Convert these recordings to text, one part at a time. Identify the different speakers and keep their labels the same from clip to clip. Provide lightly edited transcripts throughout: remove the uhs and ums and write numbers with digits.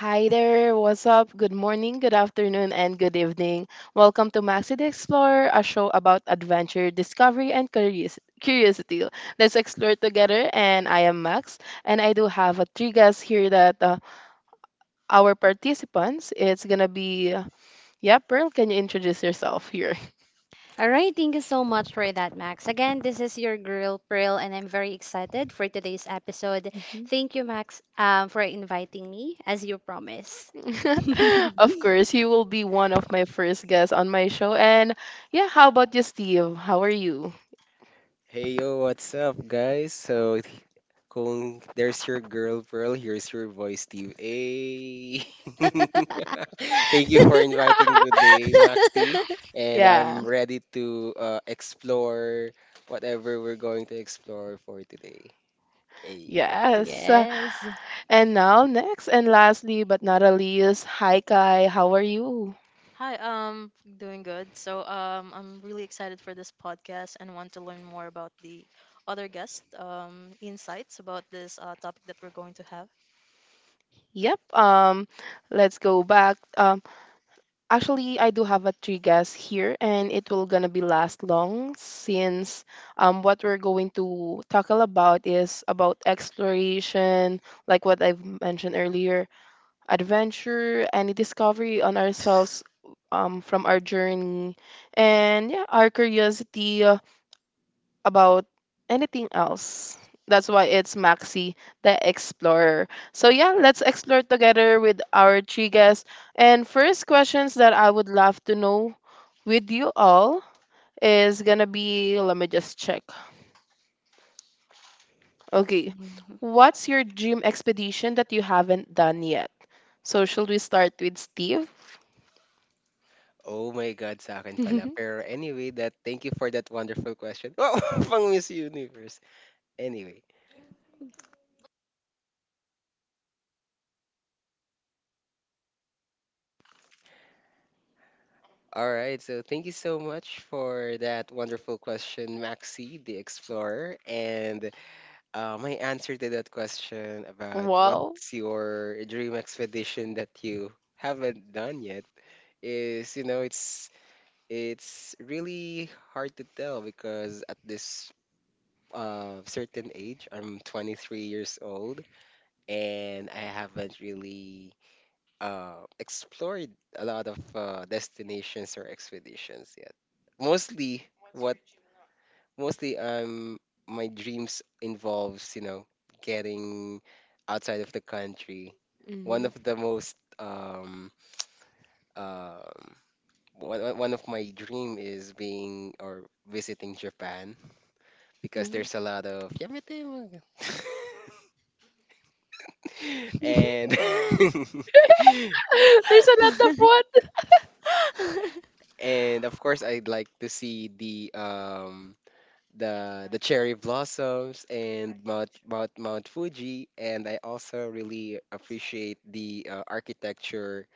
Speaker 1: Hi there, what's up? Good morning, good afternoon, and good evening. Welcome to Maxi the Explorer, a show about adventure, discovery, and curiosity. Let's explore together, and I am Max, and I do have a three guests here that our participants. It's gonna be, yeah, Pearl, can you introduce yourself here?
Speaker 2: All right, thank you so much for that, Max. Again, this is your girl Pearl, and I'm very excited for today's episode.
Speaker 1: Mhm.
Speaker 2: Thank you, Max, for inviting me, as you promised.
Speaker 1: Of course, he will be one of my first guests on my show. And yeah, how about you, Steve? How are you?
Speaker 3: Hey yo, what's up, guys? Kung there's your girl Pearl, here's your voice, Steve. Hey! Thank you for inviting today, Maxi. And
Speaker 1: Yeah.
Speaker 3: I'm ready to explore whatever we're going to explore for today. Hey.
Speaker 1: Yes.
Speaker 2: Yes.
Speaker 1: And now, next and lastly, but not the least, hi Kai, how are you?
Speaker 4: Hi, um, doing good. I'm really excited for this podcast and want to learn more about the other guest insights about this topic that we're going to have.
Speaker 1: Yep. Let's go back. Actually, I do have a three guests here, and it will gonna be last long since what we're going to talk all about is about exploration, like what I've mentioned earlier, adventure, any discovery on ourselves from our journey, and yeah, our curiosity. About anything else. That's why it's Maxi the Explorer. So yeah, let's explore together with our three guests. And first questions that I would love to know with you all is gonna be let me just check. Okay. What's your dream expedition that you haven't done yet? So should we start with Steve?
Speaker 3: Oh my God, sa akin pala. Pero anyway, that thank you for that wonderful question. Wow, pang Miss Universe. Anyway. All right, so thank you so much for that wonderful question, Maxi the Explorer. And my answer to that question about
Speaker 1: Wow.
Speaker 3: what's your dream expedition that you haven't done yet is, you know, it's really hard to tell because at this certain age, I'm 23 years old, and I haven't really explored a lot of destinations or expeditions yet. Mostly, what mostly my dreams involves you know getting outside of the country. One
Speaker 1: Mhm.
Speaker 3: of the most um one one One of my dream is being or visiting Japan because
Speaker 1: Mhm.
Speaker 3: there's a lot of and
Speaker 1: There's a lot of one.
Speaker 3: And of course, I'd like to see the cherry blossoms and Mount Fuji. And I also really appreciate the architecture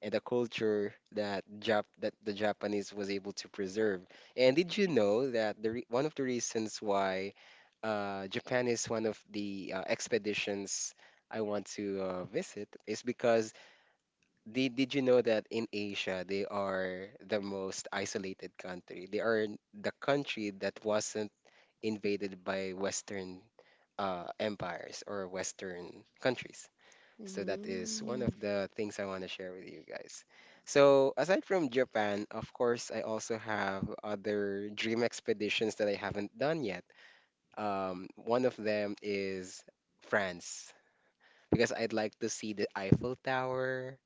Speaker 3: and the culture that Jap that the Japanese was able to preserve. And did you know that the re one of the reasons why Japan is one of the expeditions I want to visit is because did you know that in Asia they are the most isolated country? They are the country that wasn't invaded by Western empires or Western countries. So that is one of
Speaker 1: Mhm.
Speaker 3: the things I want to share with you guys. So aside from Japan, of course, I also have other dream expeditions that I haven't done yet. One of them is France because I'd like to see the Eiffel Tower.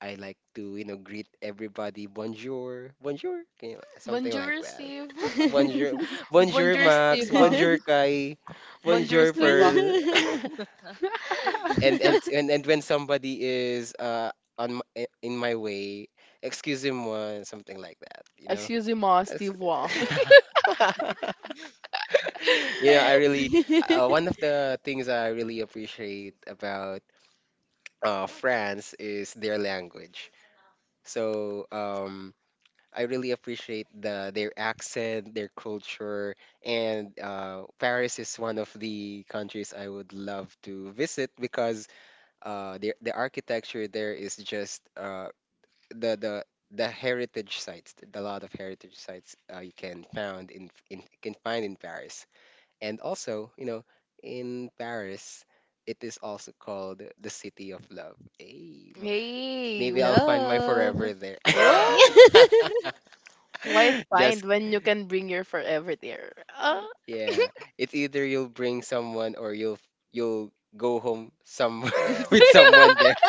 Speaker 3: I like to, you know, greet everybody. Bonjour. Bonjour. Can you- Something like
Speaker 1: Bonjour,
Speaker 3: that.
Speaker 1: Steve.
Speaker 3: Bonjour. Bonjour,
Speaker 1: Bonjour,
Speaker 3: Max.
Speaker 1: Steva.
Speaker 3: Bonjour, Kai.
Speaker 1: Bonjour,
Speaker 3: Bonjour,
Speaker 1: Steva.
Speaker 3: Pearl. And when somebody is on my, in my way, excuse him moi, something like that, you know.
Speaker 1: Excuse moi,
Speaker 3: Ex-
Speaker 1: Steva.
Speaker 3: you know, I really one of the things I really appreciate about France is their language. So um I really appreciate their accent, their culture, and Paris is one of the countries I would love to visit because the architecture there is just the the the heritage sites, the lot of heritage sites you can found in can find in Paris, and also you know in Paris, it is also called the city of love. Hey,
Speaker 1: Hey.
Speaker 3: maybe I'll find my
Speaker 2: Love.
Speaker 3: forever there.
Speaker 1: Oh, why
Speaker 3: Just
Speaker 1: find when you can bring your forever there? Ah.
Speaker 3: Yeah. It's either you'll bring someone or you'll go home some with someone there.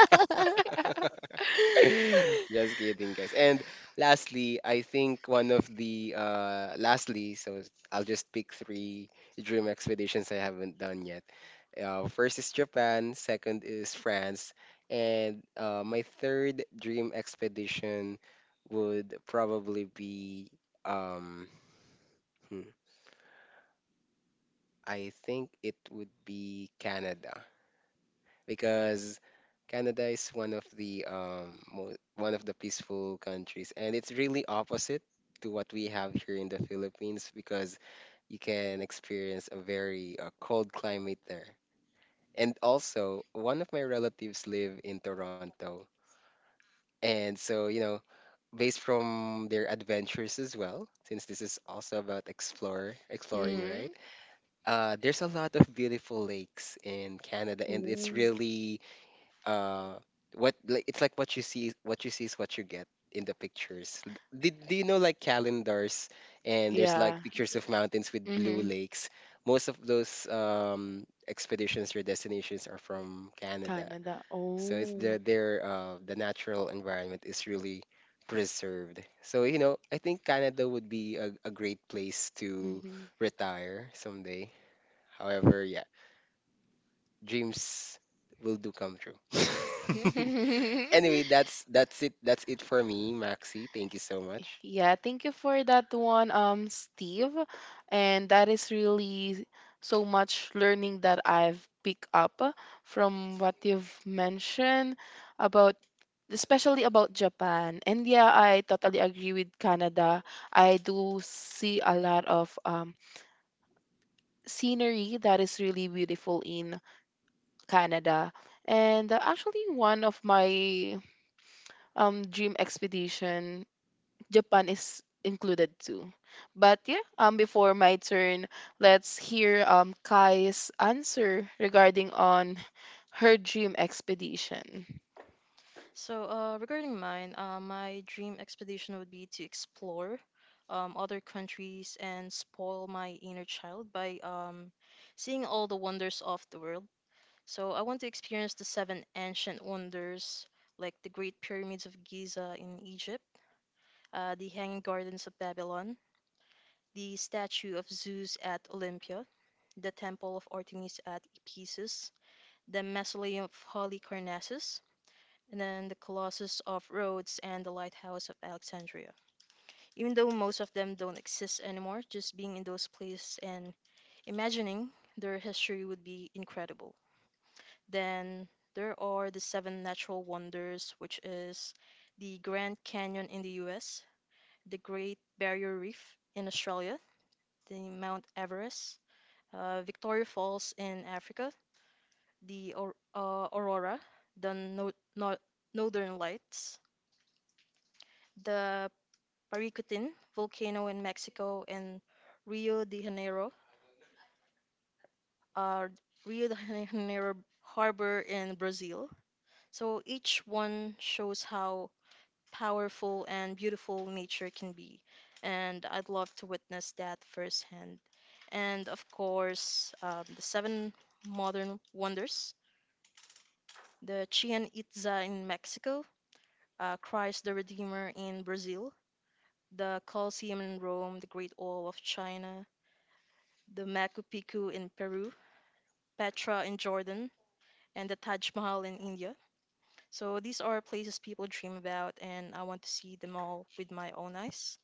Speaker 3: Just kidding, guys. And lastly, I think one of the lastly, so I'll just pick three dream expeditions I haven't done yet. First is Japan, second is France, and my third dream expedition would probably be um I think it would be Canada because Canada is one of the one of the peaceful countries, and it's really opposite to what we have here in the Philippines because you can experience a very cold climate there. And also, one of my relatives live in Toronto, and so you know, based from their adventures as well, since this is also about explore exploring, right?
Speaker 1: Mhm.
Speaker 3: There's a lot of beautiful lakes in Canada, and it's
Speaker 1: Ooh.
Speaker 3: really uh, what like it's like what you see is what you get in the pictures. L- Did do you know like calendars and there's
Speaker 1: Yeah.
Speaker 3: like pictures of mountains with blue
Speaker 1: Mm-hmm.
Speaker 3: lakes. Most of those expeditions or destinations are from Canada,
Speaker 1: Canada.
Speaker 3: so it's
Speaker 1: Oh.
Speaker 3: their the natural environment is really preserved. So you know, I think Canada would be a great place to
Speaker 1: Mhm.
Speaker 3: retire someday. However, yeah, dreams will do come true. anyway, that's it. That's it for me, Maxi. Thank you so much.
Speaker 1: Yeah, thank you for that one, Steve. And that is really so much learning that I've picked up from what you've mentioned about, especially about Japan. And yeah, I totally agree with Canada. I do see a lot of scenery that is really beautiful in Canada. And actually, one of my dream expedition Japan is included too. But yeah, before my turn, let's hear Kai's answer regarding on her dream expedition.
Speaker 4: Regarding mine, my dream expedition would be to explore other countries and spoil my inner child by seeing all the wonders of the world. So, I want to experience the seven ancient wonders like the Great Pyramids of Giza in Egypt, the Hanging Gardens of Babylon, the statue of Zeus at Olympia, the temple of Artemis at Ephesus, the mausoleum of Holy Carnassus, and then the Colossus of Rhodes and the Lighthouse of Alexandria. Even though most of them don't exist anymore, just being in those places and imagining their history would be incredible. Then there are the seven natural wonders, which is the Grand Canyon in the US, the Great Barrier Reef in Australia, the Mount Everest, Victoria Falls in Africa, Aurora, the no, no, Northern Lights, the Paricutin volcano in Mexico, and Rio de Janeiro, uh, Rio de Janeiro harbor in Brazil. So each one shows how powerful and beautiful nature can be. And I'd love to witness that firsthand. And of course, the seven modern wonders, the Chichen Itza in Mexico, Christ the Redeemer in Brazil, the Colosseum in Rome, the Great Wall of China, the Machu Picchu in Peru, Petra in Jordan, and the Taj Mahal in India. So these are places people dream about, and I want to see them all with my own eyes.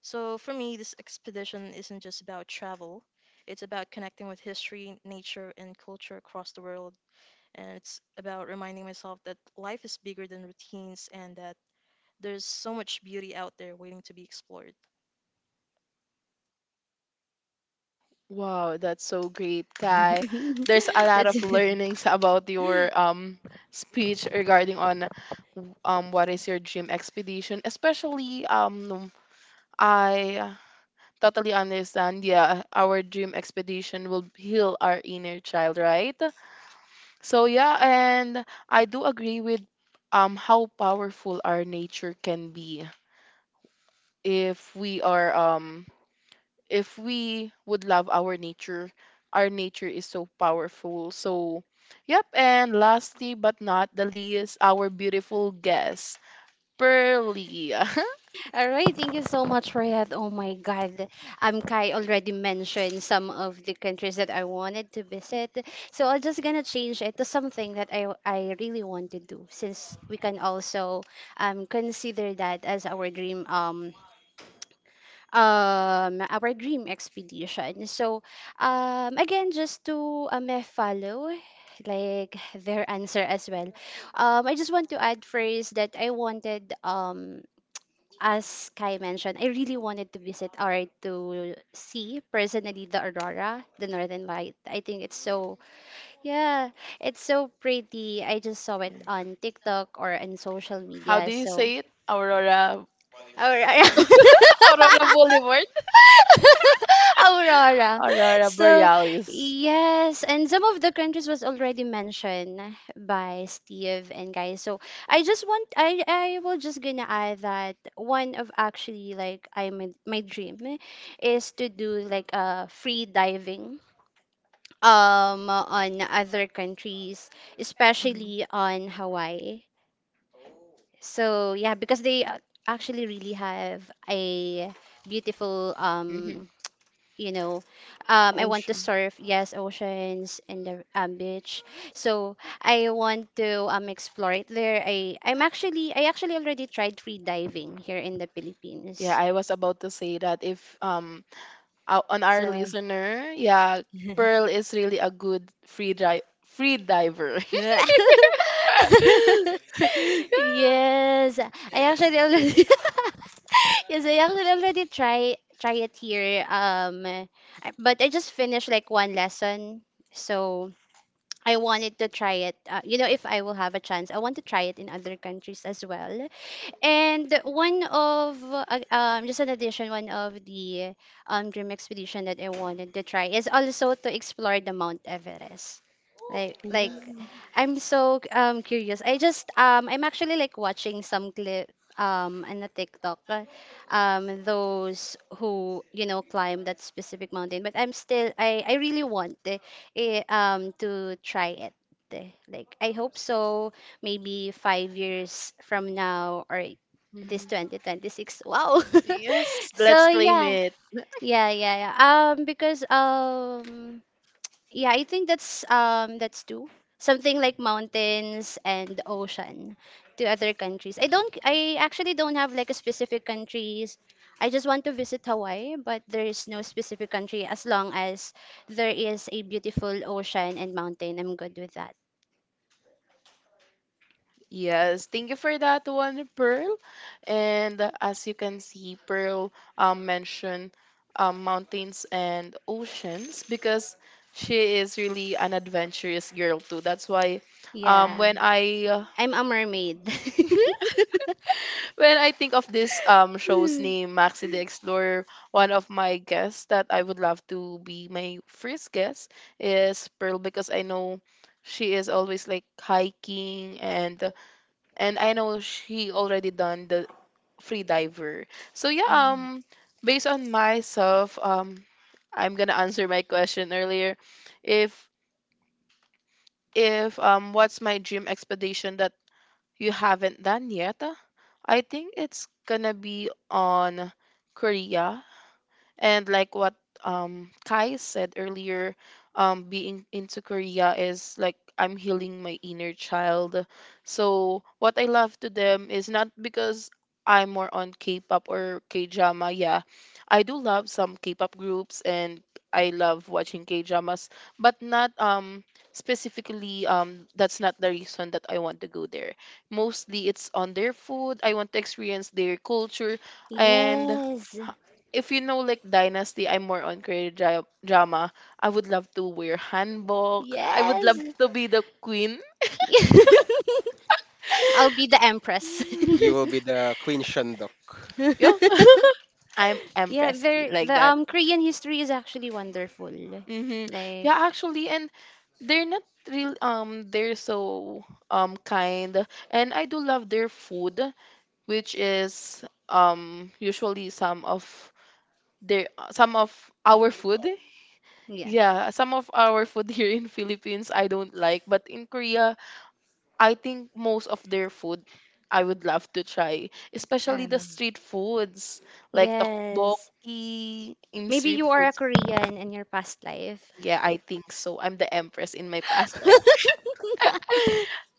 Speaker 4: So for me, this expedition isn't just about travel. It's about connecting with history, nature, and culture across the world. And it's about reminding myself that life is bigger than routines and that there's so much beauty out there waiting to be explored.
Speaker 1: Wow, that's so great, Kai. There's a lot
Speaker 2: That's
Speaker 1: of learnings about your speech regarding on what is your dream expedition, especially I totally understand. Yeah, our dream expedition will heal our inner child, right? So yeah, and I do agree with how powerful our nature can be if we are if we would love our nature. Our nature is so powerful. So yep, and lastly but not the least, our beautiful guest, Pearly.
Speaker 2: all right. Thank you so much for that. Oh my God, Kai already mentioned some of the countries that I wanted to visit, so I'm just gonna change it to something that I really want to do, since we can also consider that as our dream our dream expedition. So, again, just to follow like their answer as well. I just want to add first that I wanted, as Kai mentioned, I really wanted to visit or to see personally the aurora, the northern light. I think it's so, yeah, it's so pretty. I just saw it on TikTok or on social
Speaker 1: How
Speaker 2: media,
Speaker 1: do you
Speaker 2: so
Speaker 1: say it? Aurora.
Speaker 2: Aurora.
Speaker 1: Aurora Boulevard?
Speaker 2: Aurora.
Speaker 1: Aurora
Speaker 2: So,
Speaker 1: Borealis.
Speaker 2: yes, and some of the countries was already mentioned by Steve and guys. So, I will just gonna add that one of, actually, like my dream is to do like a free diving on other countries,
Speaker 4: hmm
Speaker 2: especially on Hawaii. So, yeah, because they actually really have a beautiful
Speaker 1: Hmm
Speaker 2: you know, I want to
Speaker 1: Ocean.
Speaker 2: surf, yes, oceans and the beach. So I want to explore it there. I actually already tried free diving here in the
Speaker 1: Yeah,
Speaker 2: Philippines,
Speaker 1: I was about to say that if ou- on our
Speaker 2: so
Speaker 1: listener, yeah, Pearl is really a good free diver. Yeah.
Speaker 2: yes I actually already Yes, I actually already try it here. I- but I just finished like one lesson, so I wanted to try it. You know, if I will have a chance, I want to try it in other countries as well. And one of just an addition, one of the dream expedition that I wanted to try is also to explore the Mount Everest. Like
Speaker 1: Mm,
Speaker 2: I'm so curious. I'm actually like watching some clip on the TikTok, those who, you know, climb that specific mountain, but I'm still I really want to try it. Eh. Like I hope so, maybe five years from now, or this
Speaker 1: mm.
Speaker 2: 2026. Wow.
Speaker 1: Yes,
Speaker 2: So
Speaker 1: let's claim
Speaker 2: yeah,
Speaker 1: it.
Speaker 2: yeah. Because, yeah, I think that's, that's two, something like mountains and ocean. To other countries, I actually don't have like a specific countries. I just want to visit Hawaii, but there is no specific country as long as there is a beautiful ocean and mountain, I'm good with that.
Speaker 1: Yes, thank you for that one, Pearl. And as you can see, Pearl mentioned mountains and oceans because she is really an adventurous girl too. That's why um,
Speaker 2: Yeah,
Speaker 1: when I uh,
Speaker 2: I'm a mermaid.
Speaker 1: when I think of this show's name, Maxi the Explorer, one of my guests that I would love to be my first guest is Pearl because I know she is always like hiking and I know she already done the free diver. So yeah, based on myself, I'm gonna answer my question earlier. If if what's my dream expedition that you haven't done yet, I think it's gonna be on Korea, and like what Kai said earlier, being into Korea is like I'm healing my inner child. So what I love to them is not because I'm more on K-pop or K-drama. Yeah, I do love some K-pop groups and I love watching K-dramas, but not specifically that's not the reason that I want to go there. Mostly it's on their food. I want to experience their culture, and
Speaker 2: Yes.
Speaker 1: if you know like dynasty, I'm more on Korean drama. I would love to wear hanbok, I would
Speaker 2: Yes.
Speaker 1: love to be the queen.
Speaker 2: I'll be the empress.
Speaker 3: You will be the Queen Shondok.
Speaker 1: Yeah. I'm
Speaker 2: Yeah,
Speaker 1: empress queen
Speaker 2: there
Speaker 1: like
Speaker 2: the
Speaker 1: that.
Speaker 2: Korean history is actually wonderful.
Speaker 1: Hmm
Speaker 2: Like,
Speaker 1: yeah, actually, and they're not real, they're so kind, and I do love their food, which is usually some of our food,
Speaker 2: yeah.
Speaker 1: yeah, some of our food here in Philippines I don't like, but in Korea I think most of their food I would love to try, especially
Speaker 2: Um,
Speaker 1: the street foods like
Speaker 2: yes.
Speaker 1: tteokbokki in
Speaker 2: Maybe
Speaker 1: street
Speaker 2: you are a
Speaker 1: foods.
Speaker 2: Korean in your past life.
Speaker 1: Yeah, I think so. I'm the empress in my past life.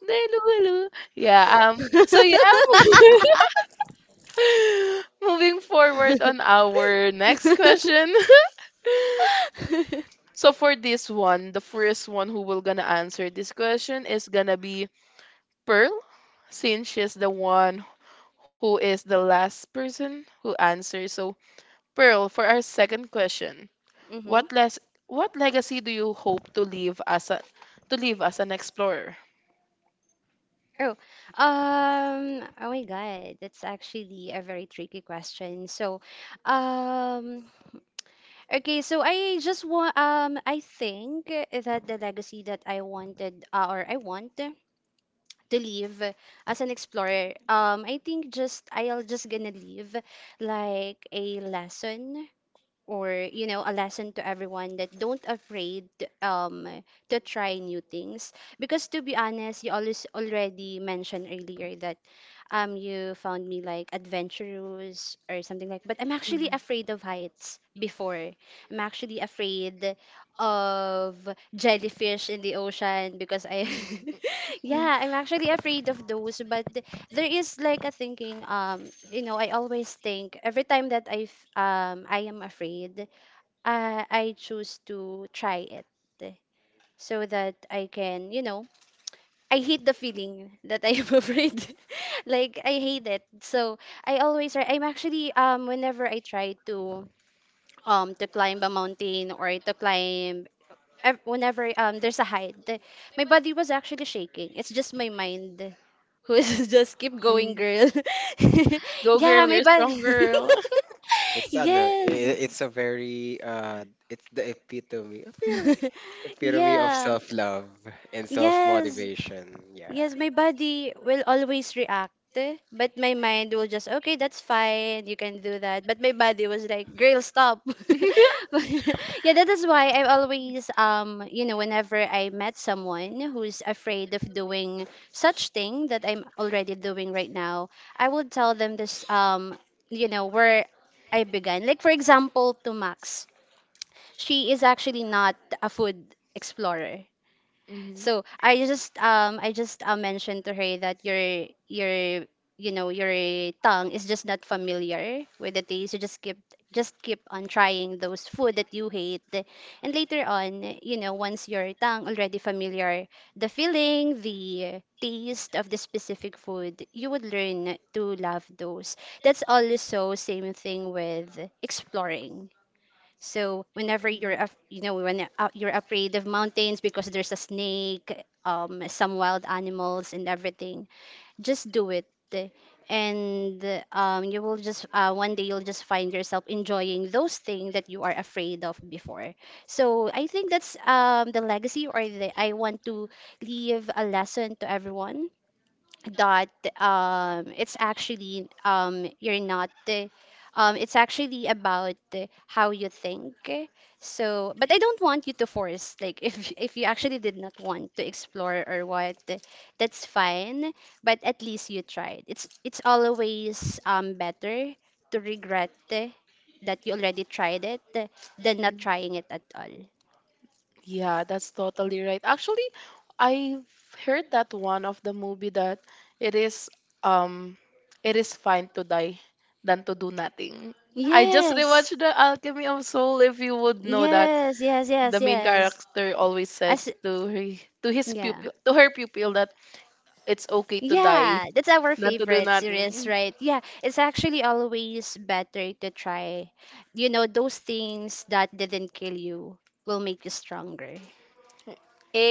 Speaker 1: Delulu. Yeah, so yeah. Moving forward on our next question. So for this one, the first one who will gonna answer this question is gonna be Pearl, since she's the one who is the last person who answers. So, Pearl, for our second question,
Speaker 2: Hmm.
Speaker 1: what les what legacy do you hope to leave as an explorer?
Speaker 2: Oh, oh my God, that's actually a very tricky question. So, um, okay, so I just want, I think that the legacy that I wanted, or I want to leave as an explorer, I think just I'll just gonna leave like a lesson, or you know, a lesson to everyone that don't afraid um to try new things, because to be honest, you always already mentioned earlier that you found me like adventurous or something, like, but I'm actually
Speaker 1: Mhm.
Speaker 2: afraid of heights before. I'm actually afraid of jellyfish in the ocean, because I
Speaker 1: Mm,
Speaker 2: yeah, I'm actually afraid of those, but there is like a thinking, you know, I always think every time that I am afraid, I choose to try it so that I can, you know, I hate the feeling that I'm afraid. Like I hate it. So I always try. I'm actually whenever I try to climb a mountain, or to climb whenever there's a height, my body was actually shaking. It's just my mind who's just keep going,
Speaker 1: mm.
Speaker 2: girl.
Speaker 1: Go
Speaker 2: Yeah,
Speaker 1: girl,
Speaker 2: my
Speaker 1: you're a
Speaker 2: body.
Speaker 1: strong girl.
Speaker 3: It's ano,
Speaker 2: Yes.
Speaker 3: i- it's a very it's the epitome of
Speaker 2: Yeah.
Speaker 3: self-love and
Speaker 2: Yes.
Speaker 3: self-motivation. Yeah.
Speaker 2: Yes, my body will always react, eh, but my mind will just, okay, that's fine, you can do that. But my body was like, girl, stop. But- yeah, that is why I always, you know, whenever I met someone who's afraid of doing such thing that I'm already doing right now, I would tell them this, you know, where I began. Like, for example, to Max, she is actually not a food explorer. So I just mentioned to her that your you know, your tongue is just not familiar with the taste. You just keep on trying those food that you hate, and later on, you know, once your tongue already familiar the feeling, the taste of the specific food, you would learn to love those. That's also same thing with exploring. So whenever you're,
Speaker 1: Mhm,
Speaker 2: you know, when you're afraid of mountains because there's a snake, some wild animals and everything, just do it, and you will just one day you'll just find yourself enjoying those things that you are afraid of before. So I think that's the legacy, or the I want to leave a lesson to everyone that it's actually you're not it's actually about how you think. So, but I don't want you to force, like if you actually did not want to explore or what, that's fine, but at least you tried. It's always, better to regret that you already tried it, than not
Speaker 1: mhm.
Speaker 2: trying it at all.
Speaker 1: Yeah, that's totally right. Actually, I've heard that one of the movie that it is um it is fine to die than to do nothing. I just
Speaker 2: yes
Speaker 1: rewatched The Alchemy of Soul if you would know that
Speaker 2: yes yes
Speaker 1: the
Speaker 2: yes
Speaker 1: main
Speaker 2: Yes,
Speaker 1: character always said
Speaker 2: as
Speaker 1: to her,
Speaker 2: yeah.
Speaker 1: to her pupil that it's okay to die
Speaker 2: Yeah, that's our
Speaker 1: than to do
Speaker 2: favorite series,
Speaker 1: nothing.
Speaker 2: right? Yeah, it's actually always better to try. You know, those things that didn't kill you will make you stronger.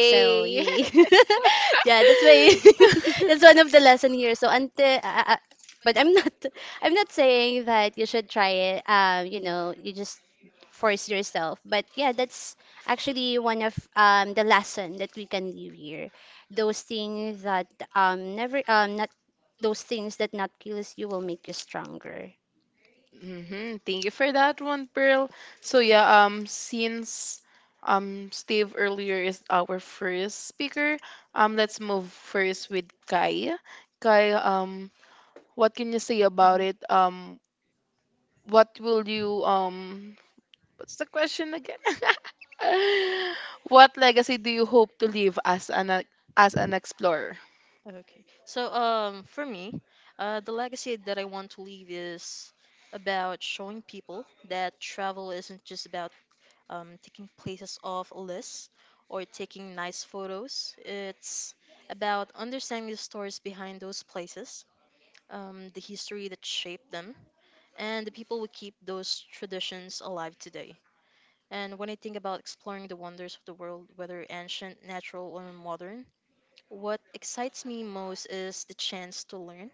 Speaker 2: So yeah, yeah, that's why that's one of the lesson here. So until, but I'm not, I'm not saying that you should try it. You know, you just force yourself. But yeah, that's actually one of the lesson that we can leave here. Those things that never not those things that not kills you will make you stronger.
Speaker 1: Mm-hmm. Thank you for that one, Pearl. So yeah, since Steve earlier is our first speaker, let's move first with Kai. Kai, what can you say about
Speaker 4: hmm
Speaker 1: it? What will you um? What's the question again? What legacy do you hope to leave as an explorer?
Speaker 4: Okay. So, for me, the legacy that I want to leave is about showing people that travel isn't just about taking places off a list or taking nice photos. It's about understanding the stories behind those places, the history that shaped them, and the people who keep those traditions alive today. And when I think about exploring the wonders of the world, whether ancient, natural, or modern, what excites me most is the chance to learn.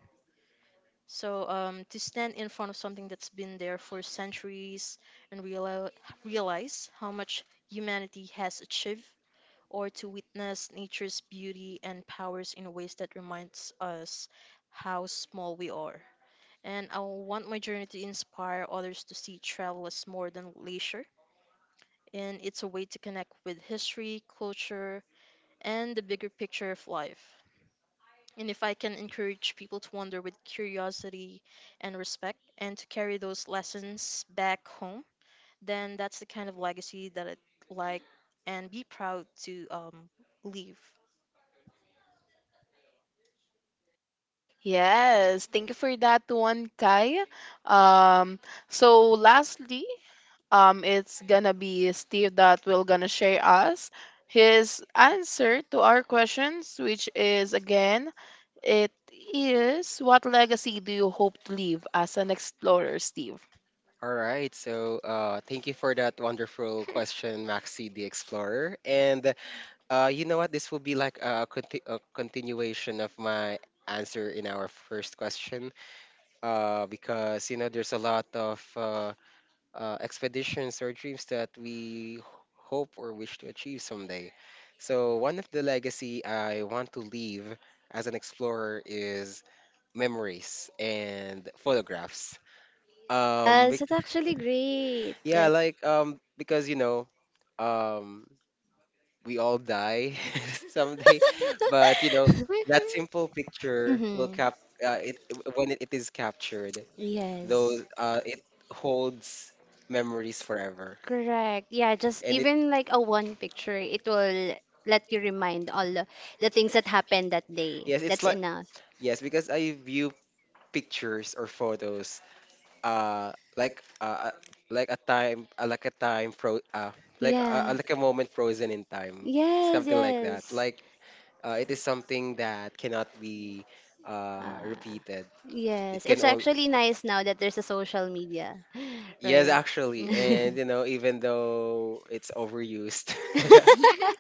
Speaker 4: So, to stand in front of something that's been there for centuries and realize how much humanity has achieved, or to witness nature's beauty and powers in ways that reminds us how small we are. And I want my journey to inspire others to see travel as more than leisure and it's a way to connect with history, culture, and the bigger picture of life. And if I can encourage people to wander with curiosity and respect and to carry those lessons back home, then that's the kind of legacy that I'd like and be proud to leave.
Speaker 1: Yes, thank you for that one, Kai. Um, so lastly, it's gonna be Steve that will gonna share us his answer to our questions, which is again, it is what legacy do you hope to leave as an explorer, Steve?
Speaker 3: All right. So, thank you for that wonderful question, Maxi the Explorer. And uh, you know what? This will be like a continuation of my answer in our first question. Because you know, there's a lot of expeditions or dreams that hope or wish to achieve someday. So one of the legacy I want to leave as an explorer is memories and photographs. Um,
Speaker 2: Yes,
Speaker 3: bec-
Speaker 2: that's actually great.
Speaker 3: yeah, like because you know, um, we all die someday. But you know, that
Speaker 1: Mm-hmm.
Speaker 3: simple picture will
Speaker 2: Hmm.
Speaker 3: cap uh, it it is captured.
Speaker 2: Yes.
Speaker 3: Those it holds memories forever,
Speaker 2: Correct. Yeah, just
Speaker 3: and it
Speaker 2: even like a one picture, it will let you remind all the things that happened that day.
Speaker 3: yes, it's
Speaker 2: That's
Speaker 3: like
Speaker 2: enough.
Speaker 3: yes because I view pictures or photos uh like uh uh, like a time fro
Speaker 2: Yeah.
Speaker 3: like a moment frozen in time
Speaker 2: Yes,
Speaker 3: something like that
Speaker 2: yes.
Speaker 3: like it is something that cannot be
Speaker 2: Uh,
Speaker 3: repeated. It
Speaker 2: yes,
Speaker 3: can
Speaker 2: it's
Speaker 3: all
Speaker 2: actually nice now that there's a social media.
Speaker 3: Yes,
Speaker 2: Right?
Speaker 3: actually.
Speaker 1: Mm-hmm.
Speaker 3: And you know, even though it's overused.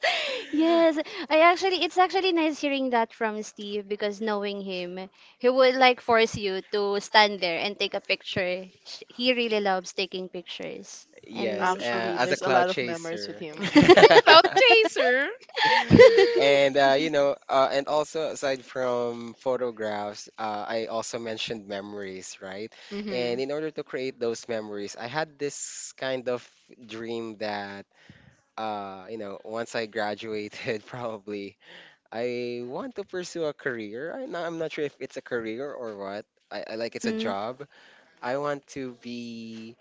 Speaker 2: Yes, I actually, it's actually nice hearing that from Steve because, knowing him, he would like force you to stand there and take a picture. He really loves taking pictures.
Speaker 3: Yes,
Speaker 2: And
Speaker 1: Actually,
Speaker 3: as a
Speaker 1: there's a
Speaker 3: cloud
Speaker 1: lot of memories with
Speaker 3: chaser.
Speaker 1: him. Cloud chaser.
Speaker 3: And you know, and also aside from photographs, I also mentioned memories, right?
Speaker 1: Mm-hmm.
Speaker 3: And in order to create those memories, I had this kind of dream that, you know, once I graduated, probably I want to pursue a career. I'm not sure if it's a career or what. I like it's a job. I want to be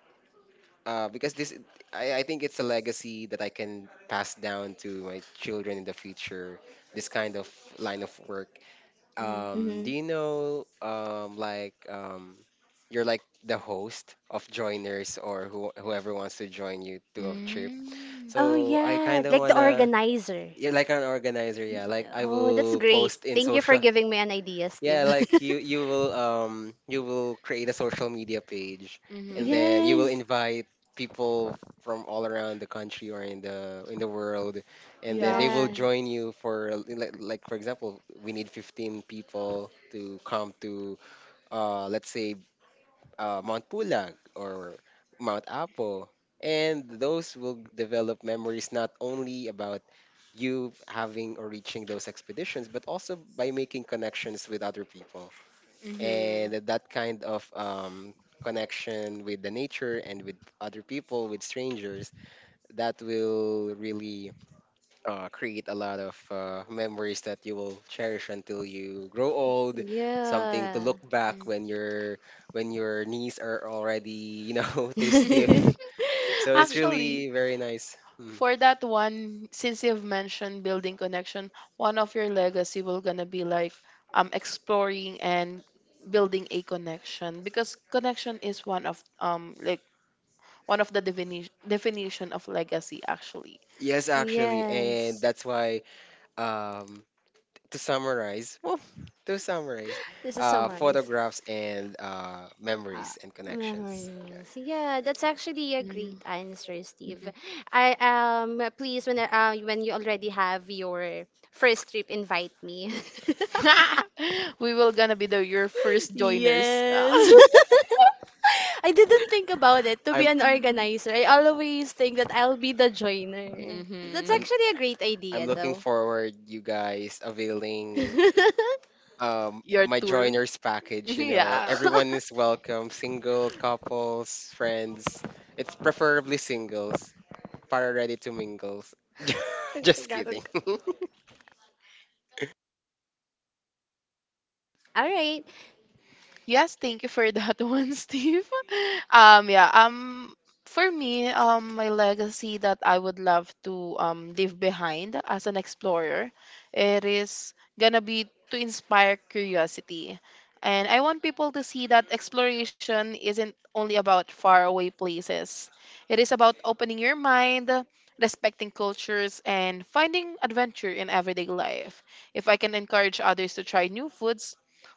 Speaker 3: because this I think it's a legacy that I can pass down to my children in the future. This kind of line of work.
Speaker 1: Mm-hmm.
Speaker 3: Do you
Speaker 2: mm-hmm.
Speaker 3: know you're like the host of joiners or whoever wants to join you to a trip.
Speaker 2: Oh
Speaker 3: So I
Speaker 2: yeah,
Speaker 3: kind of
Speaker 2: like the
Speaker 3: wanna
Speaker 2: organizer.
Speaker 3: yeah, like an organizer, yeah. Like I
Speaker 2: Oh, that's
Speaker 3: will
Speaker 2: great.
Speaker 3: post in
Speaker 2: Thank you for
Speaker 3: social
Speaker 2: giving me an idea, Steve.
Speaker 3: Yeah, like you will create a social media page and
Speaker 1: Mm-hmm.
Speaker 3: then you will
Speaker 2: Yes.
Speaker 3: invite people from all around the country or in the world and then
Speaker 1: Yeah,
Speaker 3: they will
Speaker 2: Yeah.
Speaker 1: actually.
Speaker 3: join you for like for example we need 15 people to come to let's say Mount Pulag or Mount Apo. And those will develop memories not only about you having or reaching those expeditions, but also by making connections with other people.
Speaker 1: Mm-hmm.
Speaker 3: And that kind of connection with the nature and with other people, with strangers, that will really create a lot of memories that you will cherish until you grow old, something to
Speaker 2: Yeah.
Speaker 3: look back
Speaker 1: Mm.
Speaker 3: when your knees are already you know too stiff, so it's
Speaker 2: This,
Speaker 1: Actually,
Speaker 3: really very nice. Mm.
Speaker 1: for that one, since you've mentioned building connection, one of your legacy will gonna be like exploring and building a connection because connection is one of like one of the definition of legacy actually.
Speaker 3: Yes actually and
Speaker 2: yes.
Speaker 3: that's why um to summarize well to summarize
Speaker 2: This is summarize.
Speaker 3: photographs and
Speaker 2: Uh,
Speaker 3: memories and connections, yeah.
Speaker 2: memories. Yeah, that's actually a
Speaker 1: Mm-hmm.
Speaker 2: great answer, Steve. I please when when you already have your first trip, invite me.
Speaker 1: We will gonna be the your first joiners.
Speaker 2: Yes. I didn't think about it to be
Speaker 3: I'm I-
Speaker 2: an organizer. I always think that I'll be the joiner. That's
Speaker 1: Mm-hmm.
Speaker 3: I'm
Speaker 2: actually a great
Speaker 3: I'm
Speaker 2: idea,
Speaker 3: looking
Speaker 2: though.
Speaker 3: forward you guys availing
Speaker 1: Your
Speaker 3: my
Speaker 1: tour.
Speaker 3: joiners package, you know.
Speaker 1: Yeah.
Speaker 3: Everyone is welcome, single, couples, friends. It's preferably singles. Para ready to mingles. Just kidding.
Speaker 2: All right.
Speaker 1: Yes, thank you for that one, Steve. Yeah. For me, my legacy that I would love to leave behind as an explorer, it is gonna be to inspire curiosity, and I want people to see that exploration isn't only about faraway places. It is about opening your mind, respecting cultures, and finding adventure in everyday life. If I can encourage others to try new foods,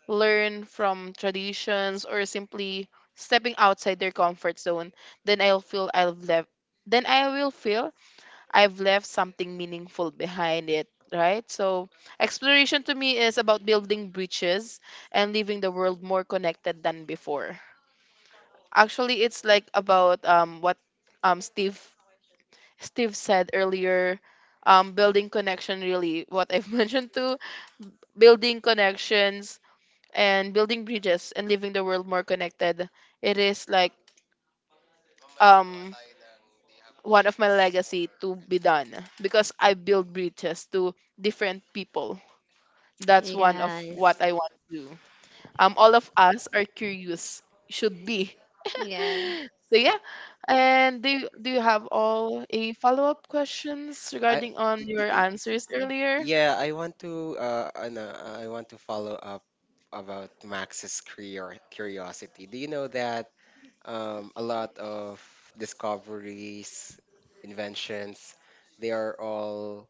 Speaker 1: learn from traditions, or simply stepping outside their comfort zone, then I'll feel I've left then I will feel I've left something meaningful behind it, right? So exploration to me is about building bridges and leaving the world more connected than before. Actually, it's like about what Steve said earlier, building connection really what I've mentioned too, building connections and building bridges and leaving the world more connected. It is like um one of my legacy to be done because I build bridges to different people. That's one of what
Speaker 2: Yes.
Speaker 1: I want to do. All of us are curious, should be.
Speaker 2: Yeah.
Speaker 1: So yeah, and do do you have all a follow up questions
Speaker 3: I
Speaker 1: regarding on
Speaker 3: y-
Speaker 1: your
Speaker 3: y-
Speaker 1: answers
Speaker 2: Yeah.
Speaker 1: earlier?
Speaker 3: yeah, I want to ano, I want to follow up about Max's curiosity. Do you know that a lot of discoveries, inventions, they are all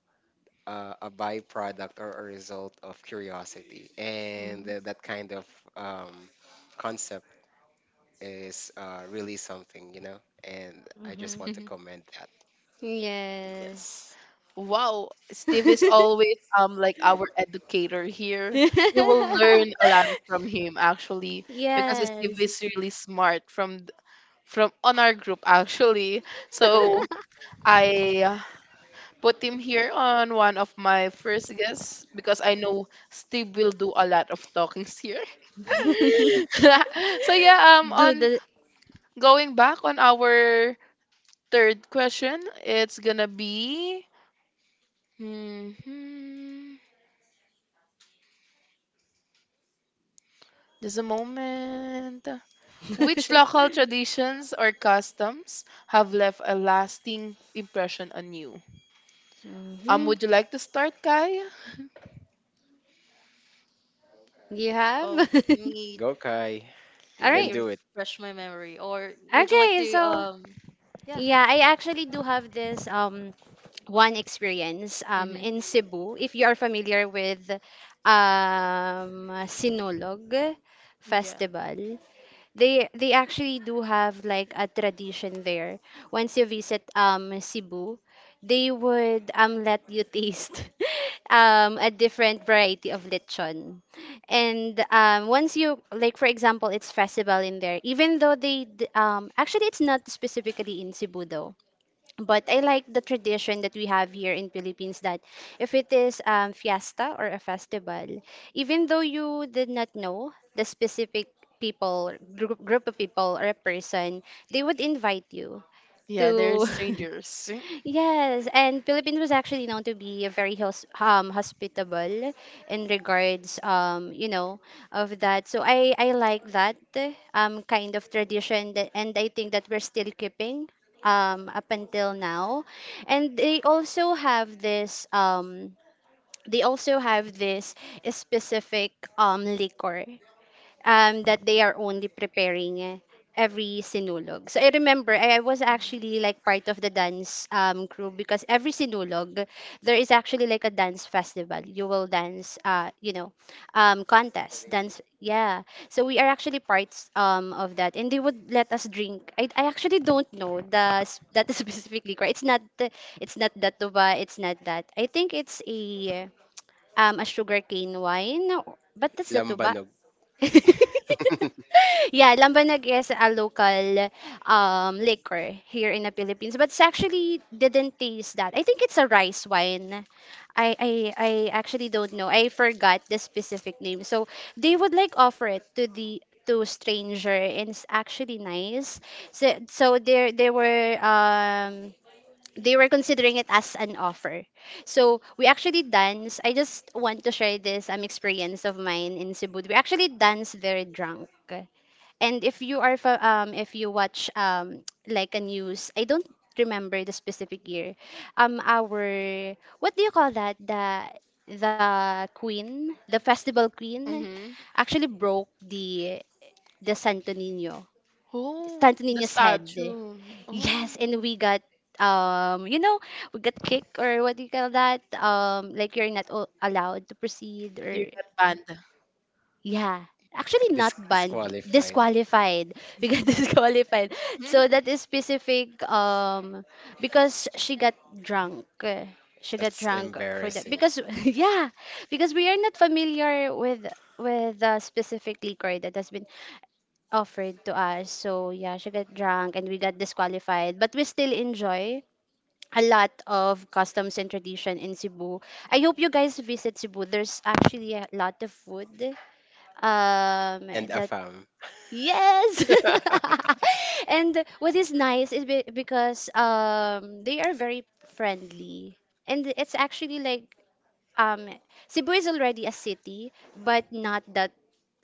Speaker 3: a byproduct or a result of curiosity. And
Speaker 1: Mhm.
Speaker 3: that kind of um, concept is really something, you know? And I just
Speaker 2: Mm-hmm.
Speaker 3: want to comment that.
Speaker 1: Yes.
Speaker 2: Yes.
Speaker 1: Wow, Steve is always like our educator here. You will learn a lot from him actually because Steve
Speaker 2: Yes.
Speaker 1: is really smart from from on our group actually.
Speaker 4: Right.
Speaker 1: So I put him here on one of my first guests because I know Steve will do a lot of talkings here. So yeah,
Speaker 2: Do
Speaker 1: on
Speaker 2: the.
Speaker 1: going back on our third question, it's gonna be hmm just a moment. Which local traditions or customs have left a lasting impression on you?
Speaker 2: Hmm.
Speaker 1: Would you like to start, Kai?
Speaker 2: You have?
Speaker 4: Oh, let me
Speaker 3: Go, Kai. You
Speaker 2: All
Speaker 4: let
Speaker 3: can
Speaker 4: me
Speaker 2: right.
Speaker 3: do it.
Speaker 4: refresh my memory. Or would you like
Speaker 2: Okay,
Speaker 4: to
Speaker 2: so
Speaker 4: yeah.
Speaker 2: yeah, I actually do have this one experience
Speaker 1: Mm-hmm.
Speaker 2: in Cebu. If you are familiar with Sinulog
Speaker 4: Yeah.
Speaker 2: Festival, they actually do have like a tradition there. Once you visit Cebu, they would let you taste a different variety of lechon. And once you, like, for example, it's festival in there. Even though actually it's not specifically in Cebu though, but I like the tradition that we have here in Philippines that if it is, fiesta or a festival, even though you did not know the specific people, group of people or a person, they would invite you
Speaker 1: Yeah, they're
Speaker 2: to
Speaker 1: strangers.
Speaker 2: yes, and Philippines was actually known to be a very hospitable in regards, you know, of that. So I like that kind of tradition that, and I think that we're still keeping up until now. And they also have this they also have this specific liquor, that they are only preparing every sinulog. So I remember I was actually like part of the dance crew, because every sinulog there is actually like a dance festival. You will dance, you know, contest dance. Yeah, so we are actually parts of that, and they would let us drink. I actually don't know that specifically liquor. It's not that tuba. It's not that. I think it's a sugarcane wine, but that's the tuba.
Speaker 3: Lambanog.
Speaker 2: Yeah, Lambanag is a local liquor here in the Philippines, but it's actually didn't taste that. I think it's a rice wine. I, I I actually don't know. I forgot the specific name. So they would like offer it to the to stranger, and it's actually nice. There there were they were considering it as an offer. So we actually dance. I just want to share this experience of mine in Cebu. We actually dance very drunk. And if you are if you watch like a news, I don't remember the specific year. Our what do you call that? The the queen, the festival queen
Speaker 1: Mm-hmm.
Speaker 2: actually broke the Santo Nino.
Speaker 1: Oh,
Speaker 2: Santo
Speaker 1: the
Speaker 2: Nino's head.
Speaker 1: statue.
Speaker 2: Yes,
Speaker 1: Oh,
Speaker 2: and we got, um you know we got kicked, or what do you call that, like you're not allowed to proceed,
Speaker 1: you're
Speaker 2: or
Speaker 1: that band.
Speaker 2: yeah, actually not banned,
Speaker 3: Disqualified.
Speaker 2: disqualified. We got
Speaker 1: Mhm.
Speaker 2: disqualified. So that is specific, because she got drunk, eh. She got
Speaker 3: That's
Speaker 2: drunk for that,
Speaker 3: embarrassing.
Speaker 2: because yeah, because we are not familiar with the specific liquor that has been offered to us. So yeah, she got drunk and we got disqualified, but we still enjoy a lot of customs and tradition in Cebu. I hope you guys visit Cebu. There's actually a lot of food, um
Speaker 3: And a
Speaker 2: that,
Speaker 3: fam.
Speaker 2: yes. And what is nice is be because they are very friendly. And it's actually like, um Cebu is already a city, but not that,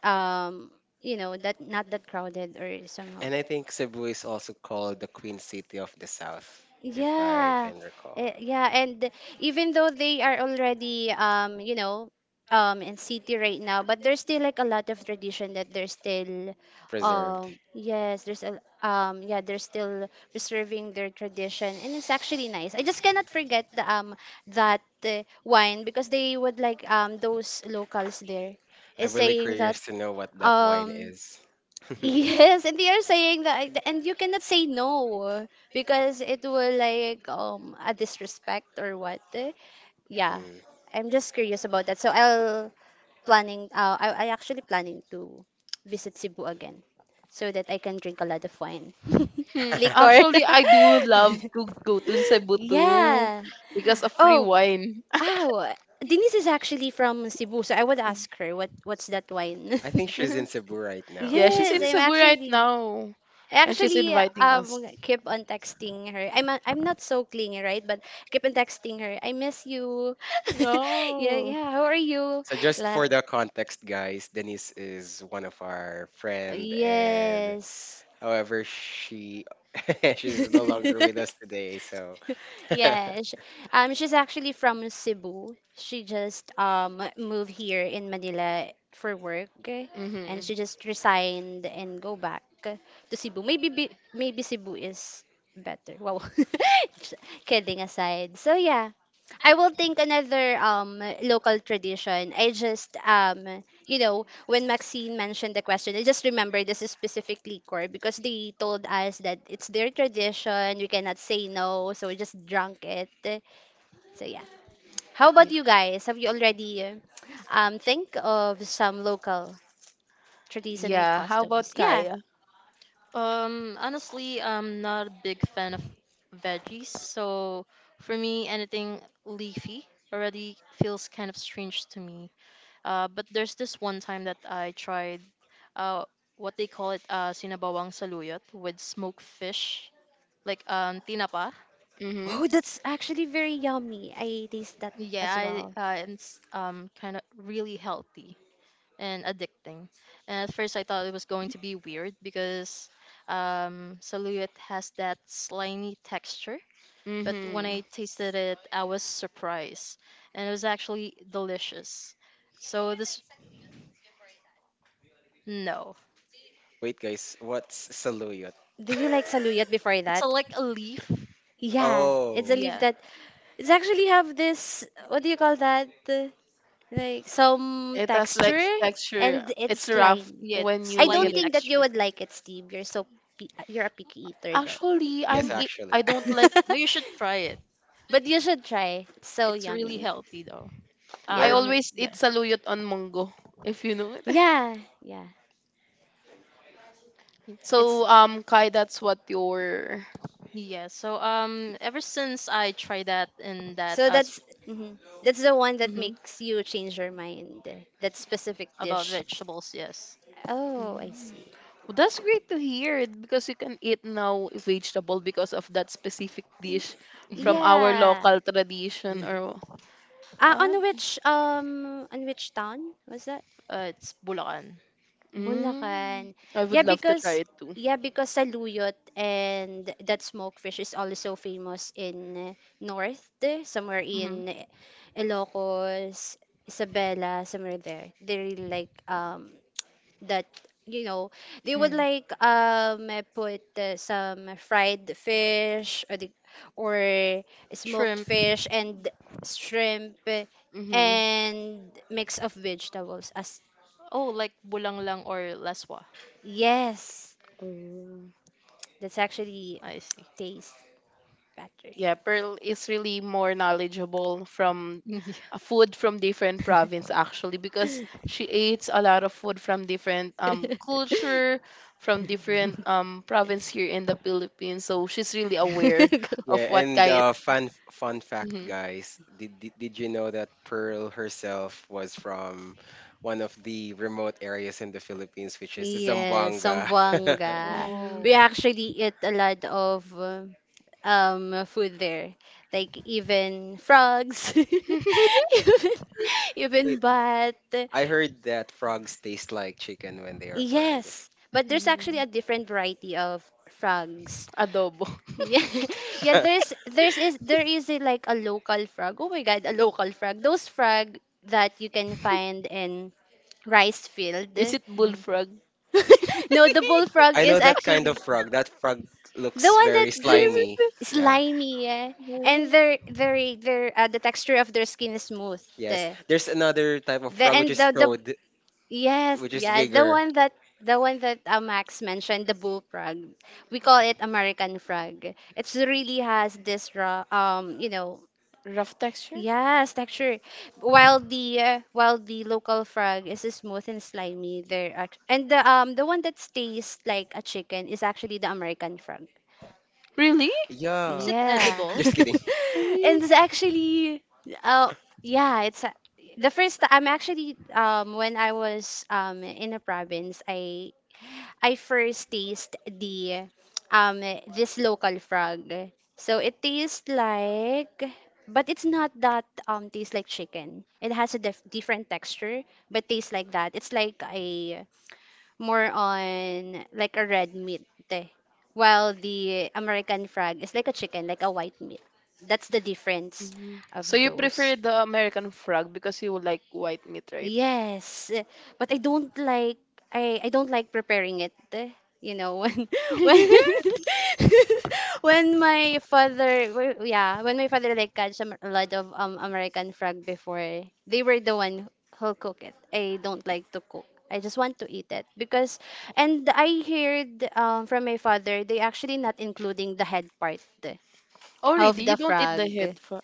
Speaker 2: um that, not that crowded or somehow.
Speaker 3: And I think Cebu is also called the Queen City of the South, if I
Speaker 2: Yeah.
Speaker 3: can recall.
Speaker 2: Eh, yeah, and even though they are already, in city right now, but there's still like a lot of tradition that they're still,
Speaker 3: Preserved.
Speaker 2: yes, there's a, yeah, they're still preserving their tradition and it's actually nice. I just cannot forget the that wine, because they would like, those locals there is
Speaker 3: I'm really
Speaker 2: saying that,
Speaker 3: curious to know what that wine
Speaker 2: um
Speaker 3: is.
Speaker 2: yes, and they are saying that, and you cannot say no because it will like, a disrespect or what, eh? Yeah,
Speaker 3: Mm.
Speaker 2: I'm just curious about that. So I'll planning. I actually planning to visit Cebu again, so that I can drink a lot of wine, liquor.
Speaker 1: Actually, I do love to go to Cebu too
Speaker 2: Yeah.
Speaker 1: because of free
Speaker 2: Oh,
Speaker 1: wine.
Speaker 2: ow. Denise is actually from Cebu, so I would ask her what's that wine.
Speaker 3: I think she's in Cebu right now.
Speaker 1: Yeah,
Speaker 3: Am I
Speaker 1: she's in
Speaker 2: Yes,
Speaker 3: correct?
Speaker 2: I'm
Speaker 1: Cebu right
Speaker 2: actually.
Speaker 1: now,
Speaker 2: I
Speaker 1: and she's
Speaker 2: actually,
Speaker 1: inviting us.
Speaker 2: keep on texting her. I'm I'm not so clingy, right? But keep on texting her. I miss you. Yeah,
Speaker 1: Oh.
Speaker 2: yeah. How are you?
Speaker 3: So just
Speaker 2: La-
Speaker 3: for the context, guys, Denise is one of our friend, and
Speaker 2: yes.
Speaker 3: however, she she's no longer with us today. So
Speaker 2: Yeah, sh she's actually from Cebu. She just moved here in Manila for work, and
Speaker 1: Mm-hmm.
Speaker 2: she just resigned and go back to Cebu. Maybe be, maybe Cebu is better. Wow, just kidding aside. So yeah, I will think another local tradition. I just, when Maxine mentioned the question, I just remember this is specifically core because they told us that it's their tradition, we cannot say no, so we just drunk it. So yeah. How about
Speaker 1: Yeah.
Speaker 2: you guys? Have you already, think of some local tradition and
Speaker 1: Yeah. How about
Speaker 2: customs? Yeah.
Speaker 1: Kaya?
Speaker 4: Honestly, I'm not a big fan of veggies, so for me, anything leafy already feels kind of strange to me. But there's this one time that I tried, uh, what they call it, sinabawang saluyot with smoked fish, like tinapa.
Speaker 1: Mm-hmm.
Speaker 2: Oh, that's actually very yummy. I taste that
Speaker 4: Yeah,
Speaker 2: as
Speaker 4: I
Speaker 2: well.
Speaker 4: It's kind of really healthy and addicting. And at first, I thought it was going to be weird because saluyot has that slimy texture, but when
Speaker 1: Mm-hmm.
Speaker 4: I tasted it, I was surprised, and it was actually delicious. So this, no,
Speaker 3: wait, guys, what's saluyot?
Speaker 2: Did you like saluyot before
Speaker 4: it's a,
Speaker 2: that?
Speaker 4: like a leaf.
Speaker 2: Yeah, it's
Speaker 3: Oh,
Speaker 2: a leaf
Speaker 4: Yeah,
Speaker 2: that it's actually have this, what do you call that? Like some
Speaker 1: It has like
Speaker 2: texture,
Speaker 1: texture.
Speaker 2: and it's
Speaker 1: It's rough
Speaker 2: slime.
Speaker 4: yeah, it's
Speaker 1: when
Speaker 2: I
Speaker 1: you eat
Speaker 4: slimy
Speaker 2: don't
Speaker 1: it.
Speaker 2: think that you
Speaker 4: texture.
Speaker 2: would like it, Steve. You're so you're a picky eater though.
Speaker 1: Actually,
Speaker 3: yes,
Speaker 1: I'm e-
Speaker 3: actually.
Speaker 1: I am i do not like.
Speaker 4: No, you should try it.
Speaker 2: But you should try. It's so
Speaker 4: It's really
Speaker 2: yummy.
Speaker 4: healthy though.
Speaker 1: I
Speaker 2: Yeah.
Speaker 3: Where?
Speaker 4: I mean,
Speaker 1: always
Speaker 4: yeah,
Speaker 1: eat saluyot on munggo, if you know it.
Speaker 2: Yeah. Yeah.
Speaker 4: y-
Speaker 2: It's
Speaker 1: So Kai, that's what your.
Speaker 4: yeah. So ever since I tried that in that
Speaker 2: So
Speaker 4: us
Speaker 2: that's, mhm, that's the one that
Speaker 4: hmm
Speaker 2: makes you change your mind. That specific
Speaker 4: about
Speaker 2: dish.
Speaker 4: vegetables, yes,
Speaker 2: Oh, I
Speaker 1: Mm-hmm.
Speaker 2: see.
Speaker 1: Well, that's great to hear because you can eat now vegetable because of that specific
Speaker 2: Y-
Speaker 1: dish from
Speaker 4: yeah,
Speaker 1: our
Speaker 2: Yeah.
Speaker 1: local tradition or uh,
Speaker 2: On which, on which town was that?
Speaker 4: it's bulakan.
Speaker 1: mm,
Speaker 2: Bulacan.
Speaker 1: I
Speaker 2: Yeah,
Speaker 1: would love to try
Speaker 2: because,
Speaker 1: it too.
Speaker 2: yeah, because saluyot and that smoked fish is also famous in north, eh, somewhere in Ilocos, Isabela, somewhere there. They really like, that, you know they would
Speaker 4: Mm.
Speaker 2: like, put, some fried fish or the, or smoked
Speaker 4: Shrimp.
Speaker 2: fish and shrimp, eh,
Speaker 1: Mm-hmm.
Speaker 2: and mix of vegetables as,
Speaker 4: Oh, like bulanglang or laswa.
Speaker 2: yes.
Speaker 1: Oh.
Speaker 2: That's actually
Speaker 4: I see.
Speaker 2: taste better.
Speaker 1: Yeah, Pearl is really more knowledgeable from
Speaker 4: Mm,
Speaker 1: food from different province actually because she eats a lot of food from different culture, from different province here in the Philippines. So she's really aware
Speaker 3: Yeah,
Speaker 1: of what
Speaker 3: and
Speaker 1: kind.
Speaker 3: fun fun fact,
Speaker 1: Mm-hmm.
Speaker 3: guys. Did you know that Pearl herself was from one of the remote areas in the Philippines, which is
Speaker 2: Yes,
Speaker 3: Zamboanga?
Speaker 4: Yeah.
Speaker 2: Zamboanga.
Speaker 1: Mm,
Speaker 4: Oh.
Speaker 2: We actually eat a lot of food there, like even frogs, even even
Speaker 3: It-
Speaker 2: bat.
Speaker 3: I heard that frogs taste like chicken when they are fried.
Speaker 2: Yes, but there's actually a
Speaker 1: mm,
Speaker 2: different variety of frogs.
Speaker 1: Adobo.
Speaker 2: Yeah, yeah. There is a, like a local frog. Oh my God, a local frog. Those frog that you can find in rice field.
Speaker 1: Is it
Speaker 4: Mhm.
Speaker 1: bullfrog?
Speaker 2: No, the bullfrog
Speaker 3: I
Speaker 2: is
Speaker 3: know that kind of
Speaker 2: actually
Speaker 3: frog. That frog
Speaker 2: the
Speaker 3: looks
Speaker 2: one that
Speaker 3: very
Speaker 1: Is
Speaker 2: do
Speaker 3: slimy.
Speaker 1: it?
Speaker 3: Yeah.
Speaker 2: slimy. Yeah. And
Speaker 1: Oh,
Speaker 2: their the texture of their skin is smooth.
Speaker 3: Yes.
Speaker 2: The,
Speaker 3: There's another type of
Speaker 2: the
Speaker 3: frog which
Speaker 2: and
Speaker 3: is
Speaker 2: the, the
Speaker 3: toad,
Speaker 2: Yes,
Speaker 3: which is
Speaker 2: yeah, the
Speaker 3: bigger.
Speaker 2: one that, the one that Max mentioned, the bull frog. We call it American frog. It's really has this raw,
Speaker 1: rough texture?
Speaker 2: yes, texture. While the, local frog is smooth and slimy, and the, the one that stays like a chicken is actually the American frog.
Speaker 1: Really?
Speaker 4: Is
Speaker 3: Yuck.
Speaker 4: it
Speaker 2: Yeah.
Speaker 4: edible?
Speaker 3: Just kidding.
Speaker 2: And it's
Speaker 1: Mm.
Speaker 2: actually, uh yeah, the first I'm actually, when I was, in a province, I first taste the, um this local frog. So it tastes like, but it's not that, tastes like chicken. It has a different texture but tastes like that. It's like a more on like a red meat, eh. While the American frog is like a chicken, like a white meat. That's the difference
Speaker 1: Mhm.
Speaker 2: of
Speaker 1: So you
Speaker 2: those.
Speaker 1: prefer the American frog because you like white meat, right?
Speaker 2: Yes, eh, but I don't like, I don't like preparing it, eh. You know, when when when my father yeah, when my father like catch a a lot of American frog before, they were the one who cook it. I don't like to cook. I just want to eat it, because and I heard, from my father, they actually not including the head part, eh, of
Speaker 1: Already, you
Speaker 2: the
Speaker 1: don't eat the
Speaker 2: frog.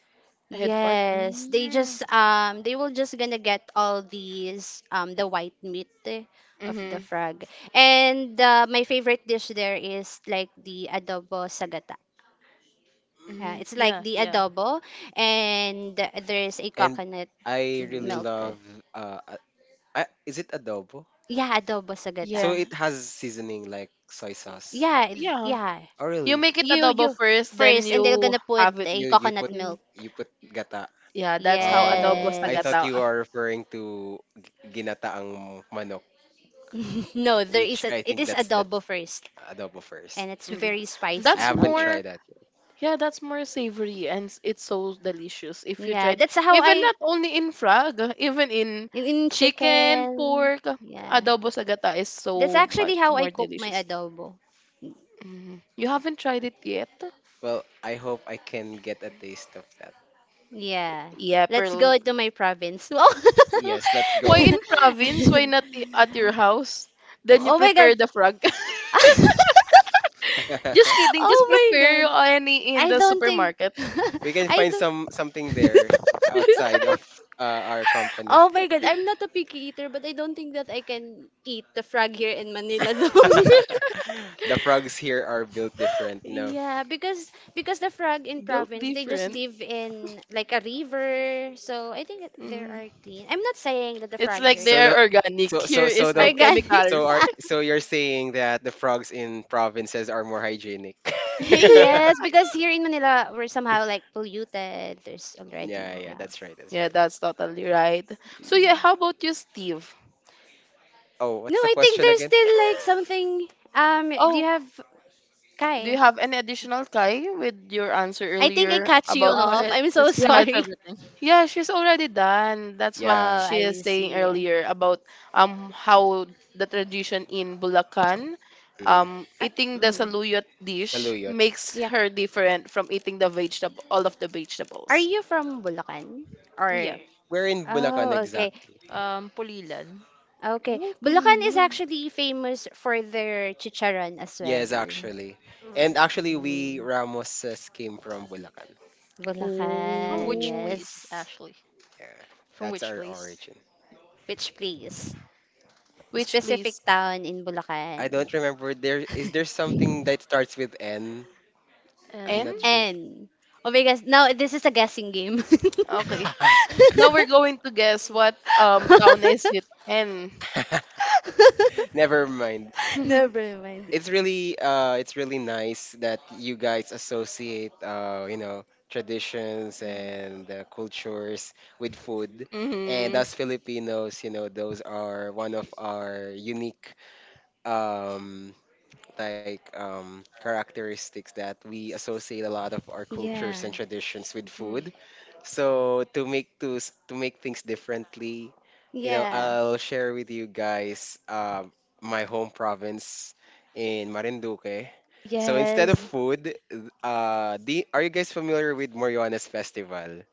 Speaker 1: head part.
Speaker 2: Yes, they
Speaker 1: Mm.
Speaker 2: just, they will just gonna get all these, the white meat, eh, of the
Speaker 1: Mm-hmm.
Speaker 2: frog. And my favorite dish there is like the adobo sagata. Yeah,
Speaker 1: Mm-hmm.
Speaker 2: it's like
Speaker 4: Yeah,
Speaker 2: the
Speaker 4: yeah.
Speaker 2: adobo, and there is a
Speaker 3: And
Speaker 2: coconut
Speaker 3: I really
Speaker 2: milk.
Speaker 3: love uh, uh, is it adobo?
Speaker 2: Yeah, adobo sagata.
Speaker 3: So
Speaker 1: Yeah.
Speaker 3: it has seasoning like soy sauce.
Speaker 2: Yeah,
Speaker 1: Yeah.
Speaker 2: yeah.
Speaker 3: Oh
Speaker 1: You
Speaker 3: really?
Speaker 1: make it
Speaker 2: You
Speaker 1: adobo first, then
Speaker 2: first, and they're
Speaker 1: you
Speaker 2: gonna put
Speaker 1: have it.
Speaker 2: a
Speaker 3: You you
Speaker 2: coconut
Speaker 3: put
Speaker 1: Mm.
Speaker 2: milk.
Speaker 3: you put gata.
Speaker 1: Yeah, that's how adobo
Speaker 3: Oh,
Speaker 1: sa
Speaker 3: I
Speaker 2: Yes.
Speaker 3: thought
Speaker 1: gata.
Speaker 3: you are referring to ginataang manok,
Speaker 2: No, there is
Speaker 3: which
Speaker 2: a,
Speaker 3: I
Speaker 2: it
Speaker 3: think
Speaker 2: is
Speaker 3: that's
Speaker 2: adobo first,
Speaker 3: adobo first.
Speaker 2: and it's
Speaker 1: Mm.
Speaker 2: very
Speaker 3: I
Speaker 2: spicy.
Speaker 1: That's
Speaker 3: haven't
Speaker 2: Oh,
Speaker 1: more.
Speaker 3: tried that yet.
Speaker 1: Yeah, that's more savory and it's so delicious if you
Speaker 2: yeah,
Speaker 1: tried.
Speaker 2: that's how
Speaker 1: Even
Speaker 2: I,
Speaker 1: not only in frog, even in
Speaker 2: in
Speaker 1: chicken,
Speaker 2: chicken.
Speaker 1: pork,
Speaker 2: Yeah.
Speaker 1: adobo sa gata is
Speaker 2: That's
Speaker 1: so
Speaker 2: actually
Speaker 1: much
Speaker 2: how I
Speaker 1: more
Speaker 2: cook my
Speaker 1: delicious.
Speaker 2: adobo.
Speaker 1: Mm. You haven't tried it yet?
Speaker 3: Well, I hope I can get a taste of that.
Speaker 2: Yeah.
Speaker 1: Yeah,
Speaker 2: Let's
Speaker 1: pearl.
Speaker 2: go to my province. Oh.
Speaker 1: Huh.
Speaker 3: Yes, let's
Speaker 1: Why
Speaker 3: go.
Speaker 1: in province? Why not at your house? Then
Speaker 3: That's
Speaker 1: you
Speaker 2: Oh my god.
Speaker 1: prepare the frog. Just kidding. Just
Speaker 2: Oh my
Speaker 1: prepare
Speaker 2: god.
Speaker 1: any in
Speaker 2: I
Speaker 1: the
Speaker 2: don't think,
Speaker 1: supermarket.
Speaker 3: we can
Speaker 2: I
Speaker 3: find
Speaker 2: don't,
Speaker 3: some something there outside of our company.
Speaker 2: oh my god, I'm not a picky eater, but I don't think that I can eat the frog here in Manila though.
Speaker 3: The frogs here are built different, you know.
Speaker 2: Yeah, because the frog in
Speaker 1: Built
Speaker 2: province, they just
Speaker 1: different.
Speaker 2: live in like a river. So I think that there
Speaker 1: Mm.
Speaker 2: are clean. I'm not saying that the
Speaker 1: It's
Speaker 2: frog here
Speaker 1: like they
Speaker 3: So
Speaker 2: is
Speaker 3: the
Speaker 1: are organic.
Speaker 3: so
Speaker 1: Here
Speaker 3: so so
Speaker 1: is
Speaker 3: the
Speaker 1: like
Speaker 2: organic.
Speaker 1: chemical.
Speaker 3: so are so you're saying that the frogs in provinces are more hygienic.
Speaker 2: Yes, because here in Manila, we're somehow like polluted. There's already,
Speaker 3: Yeah, yeah,
Speaker 2: yeah.
Speaker 3: that's right, that's
Speaker 1: Yeah,
Speaker 3: right.
Speaker 1: that's totally right. So yeah, how about you, Steve?
Speaker 3: Oh,
Speaker 2: No,
Speaker 3: what's the
Speaker 2: I think
Speaker 3: question
Speaker 2: there's
Speaker 3: again?
Speaker 2: still like something. Do you
Speaker 1: Oh,
Speaker 2: have
Speaker 1: do you
Speaker 2: Kai?
Speaker 1: have any additional Kai with your answer
Speaker 2: I think I
Speaker 1: earlier
Speaker 2: cut you
Speaker 4: No,
Speaker 1: about,
Speaker 4: no,
Speaker 2: off.
Speaker 4: it,
Speaker 2: I'm so
Speaker 4: it's pretty
Speaker 1: yeah,
Speaker 4: much
Speaker 2: sorry.
Speaker 4: everything.
Speaker 1: yeah, she's already done. That's
Speaker 2: Oh,
Speaker 1: what
Speaker 3: Yeah.
Speaker 1: she is
Speaker 2: I
Speaker 1: saying
Speaker 2: see.
Speaker 1: earlier about how the tradition in Bulacan,
Speaker 3: Mm,
Speaker 2: Are,
Speaker 1: eating the
Speaker 2: mhm.
Speaker 1: saluyot dish
Speaker 3: saluyot.
Speaker 1: makes
Speaker 2: Yeah.
Speaker 1: her different from eating the vegetable, all of the
Speaker 2: Are
Speaker 1: vegetables.
Speaker 2: you from Bulacan? Or
Speaker 4: Yeah.
Speaker 3: We're in Bulacan
Speaker 2: oh, okay,
Speaker 3: exactly.
Speaker 4: Pulilan.
Speaker 2: okay.
Speaker 1: Oh,
Speaker 2: Bulacan is
Speaker 1: pulilan.
Speaker 2: actually famous for their chicharon as
Speaker 3: Yes,
Speaker 2: well.
Speaker 3: actually.
Speaker 4: R-
Speaker 3: And actually we
Speaker 2: Mm,
Speaker 3: Ramoses came from Bulacan.
Speaker 4: From
Speaker 2: Bulacan,
Speaker 4: which
Speaker 1: Oh.
Speaker 4: place,
Speaker 2: yes.
Speaker 4: actually?
Speaker 3: Yeah.
Speaker 4: From
Speaker 3: That's
Speaker 4: which
Speaker 3: our
Speaker 4: place?
Speaker 3: origin.
Speaker 2: Which place?
Speaker 1: Which place?
Speaker 2: Specific town in Bulacan.
Speaker 3: I don't remember. There is there something that starts with N? I'm
Speaker 1: N?
Speaker 3: not
Speaker 4: And
Speaker 3: sure.
Speaker 2: And oh my gosh, now this is a guessing game.
Speaker 1: Okay. Now we're going to guess what town is it in.
Speaker 3: Never mind.
Speaker 2: Never mind.
Speaker 3: It's really it's really nice that you guys associate you know traditions and cultures with food, and
Speaker 1: Mhm.
Speaker 3: as Filipinos, you know, those are one of our unique um like characteristics that we associate a lot of our
Speaker 2: Yeah.
Speaker 3: cultures and traditions with food. So to make things differently, you know,
Speaker 2: Yeah.
Speaker 3: I'll share with you guys my home province in Marinduque. So instead of
Speaker 2: Yes.
Speaker 3: food, are you guys familiar with Moriones Festival?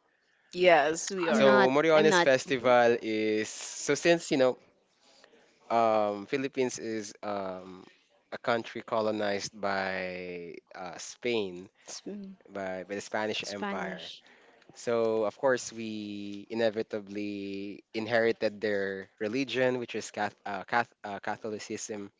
Speaker 1: Yes, we
Speaker 2: I'm
Speaker 1: are.
Speaker 3: So
Speaker 2: not. I'm
Speaker 3: Moriones
Speaker 2: not.
Speaker 3: Festival is, so since, you know, Philippines is a country colonized by Spain,
Speaker 2: Sp-
Speaker 3: by the Spanish Empire.
Speaker 2: Spanish.
Speaker 3: So, of course, we inevitably inherited their religion, which is Catholicism.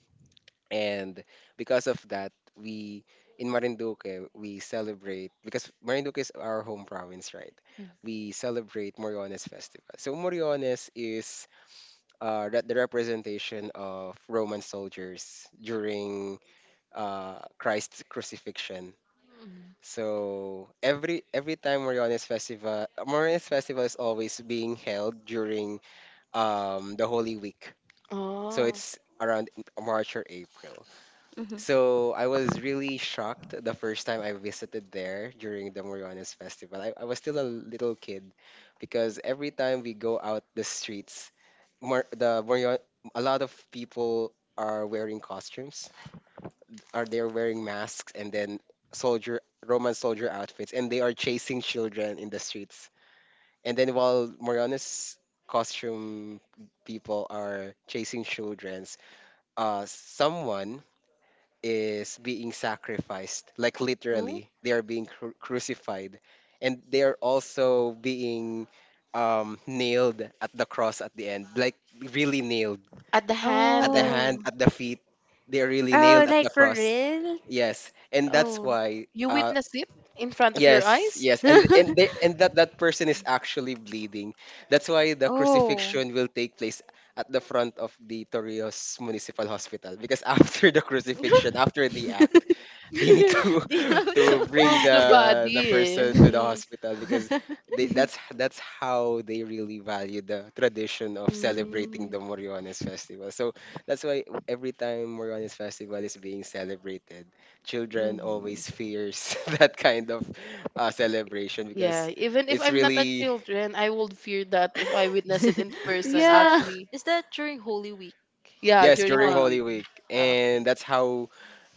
Speaker 3: And because of that, we in Marinduque, we celebrate, because Marinduque is our home province, right?
Speaker 4: mm,
Speaker 3: We celebrate Moriones Festival. So, Moriones is the representation of Roman soldiers during Christ's crucifixion.
Speaker 4: mm.
Speaker 3: So every time Moriones Festival, Moriones Festival is always being held during the Holy Week. So
Speaker 1: Oh.
Speaker 3: it's around March or April.
Speaker 2: Hmm.
Speaker 3: So I was really shocked the first time I visited there during the Moriones festival. I was still a little kid because every time we go out the streets, the Morion, a lot of people are wearing costumes. Are they wearing masks, and then soldier Roman soldier outfits, and they are chasing children in the streets. And then while Moriones costume people are chasing childrens, someone is being sacrificed, like
Speaker 1: Oh.
Speaker 3: literally, they are being crucified, and they are also being nailed at the cross at the end, like really nailed
Speaker 1: At the
Speaker 3: at
Speaker 1: hand.
Speaker 3: the hand,
Speaker 2: Oh.
Speaker 3: at the feet. They are really
Speaker 2: Oh,
Speaker 3: nailed at the
Speaker 2: like for
Speaker 3: cross.
Speaker 2: real?
Speaker 3: Yes, and that's
Speaker 2: Oh.
Speaker 3: why.
Speaker 1: You witness it in front of your
Speaker 3: Yes,
Speaker 1: eyes?
Speaker 3: yes, and they and that that person is actually bleeding. That's why the
Speaker 2: Oh.
Speaker 3: crucifixion will take place at the front of the Torreos Municipal Hospital because after the crucifixion, after the
Speaker 2: Do
Speaker 3: act, they need to
Speaker 2: you have
Speaker 3: to
Speaker 2: to?
Speaker 3: bring
Speaker 1: Move the
Speaker 3: the
Speaker 1: body.
Speaker 3: person to the
Speaker 1: Mm.
Speaker 3: hospital because they, that's how they really value the tradition of celebrating
Speaker 1: Mm.
Speaker 3: the Moriones festival. So that's why every time Moriones festival is being celebrated, children
Speaker 2: Mhm.
Speaker 3: always fears that kind of celebration because
Speaker 1: Yeah, even if
Speaker 3: it's
Speaker 1: I'm not a
Speaker 3: really
Speaker 1: children, I would fear that if I witness it in
Speaker 4: Is
Speaker 1: person,
Speaker 4: that,
Speaker 2: Yeah.
Speaker 1: actually.
Speaker 4: is that during Holy Week?
Speaker 1: Yeah,
Speaker 3: yes
Speaker 1: during
Speaker 3: during
Speaker 1: Holy
Speaker 4: Ah,
Speaker 3: Holy
Speaker 1: Week.
Speaker 4: okay.
Speaker 3: Week,
Speaker 4: Ah, okay.
Speaker 3: and that's how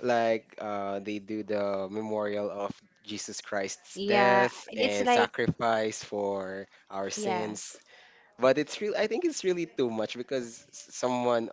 Speaker 3: like they do the memorial of Jesus Christ's
Speaker 2: Yeah,
Speaker 3: death
Speaker 2: it's
Speaker 3: and
Speaker 2: like,
Speaker 3: sacrifice for our
Speaker 2: yeah.
Speaker 3: sins. But it's real, I think it's really too much because someone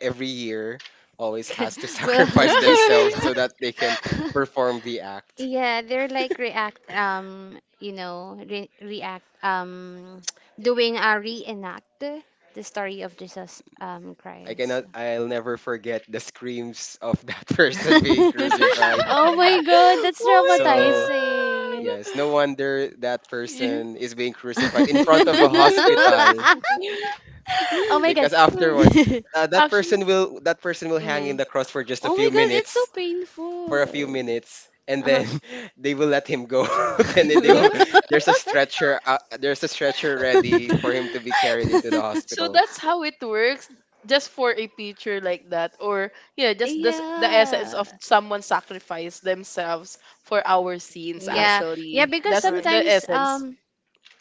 Speaker 3: every year always has to
Speaker 2: Well,
Speaker 3: sacrifice
Speaker 2: this,
Speaker 3: themselves so that they can perform the act.
Speaker 2: yeah, they're like react, re react, doing a reenact the story of Jesus,
Speaker 3: I
Speaker 2: Christ.
Speaker 3: cannot, I'll never forget the screams of that person being crucified.
Speaker 2: Oh my God, that's
Speaker 1: Oh
Speaker 3: So.
Speaker 1: my
Speaker 2: traumatizing.
Speaker 3: Yes, no
Speaker 1: god.
Speaker 3: wonder that
Speaker 1: You.
Speaker 3: person is being crucified in front of a hospital
Speaker 2: Oh my god.
Speaker 3: because afterwards
Speaker 1: Actually,
Speaker 3: that person will hang in
Speaker 1: mhm.
Speaker 3: the cross for just a
Speaker 2: Oh my
Speaker 3: few
Speaker 2: god, it's so
Speaker 3: minutes, for
Speaker 2: painful.
Speaker 3: a few minutes, and then
Speaker 2: Uh-huh.
Speaker 3: they will let him go. Then they will, there's a stretcher, there's a stretcher ready for him to be carried into the
Speaker 1: So
Speaker 3: hospital.
Speaker 1: that's
Speaker 3: So,
Speaker 1: how it works. Just for a picture like that, or yeah, just this, the essence
Speaker 2: Yeah.
Speaker 1: of someone sacrifice themselves for our scenes.
Speaker 3: yes.
Speaker 2: Yeah. Yeah,
Speaker 1: Actually,
Speaker 2: because
Speaker 1: that's
Speaker 4: Right.
Speaker 1: the
Speaker 2: sometimes,
Speaker 1: essence.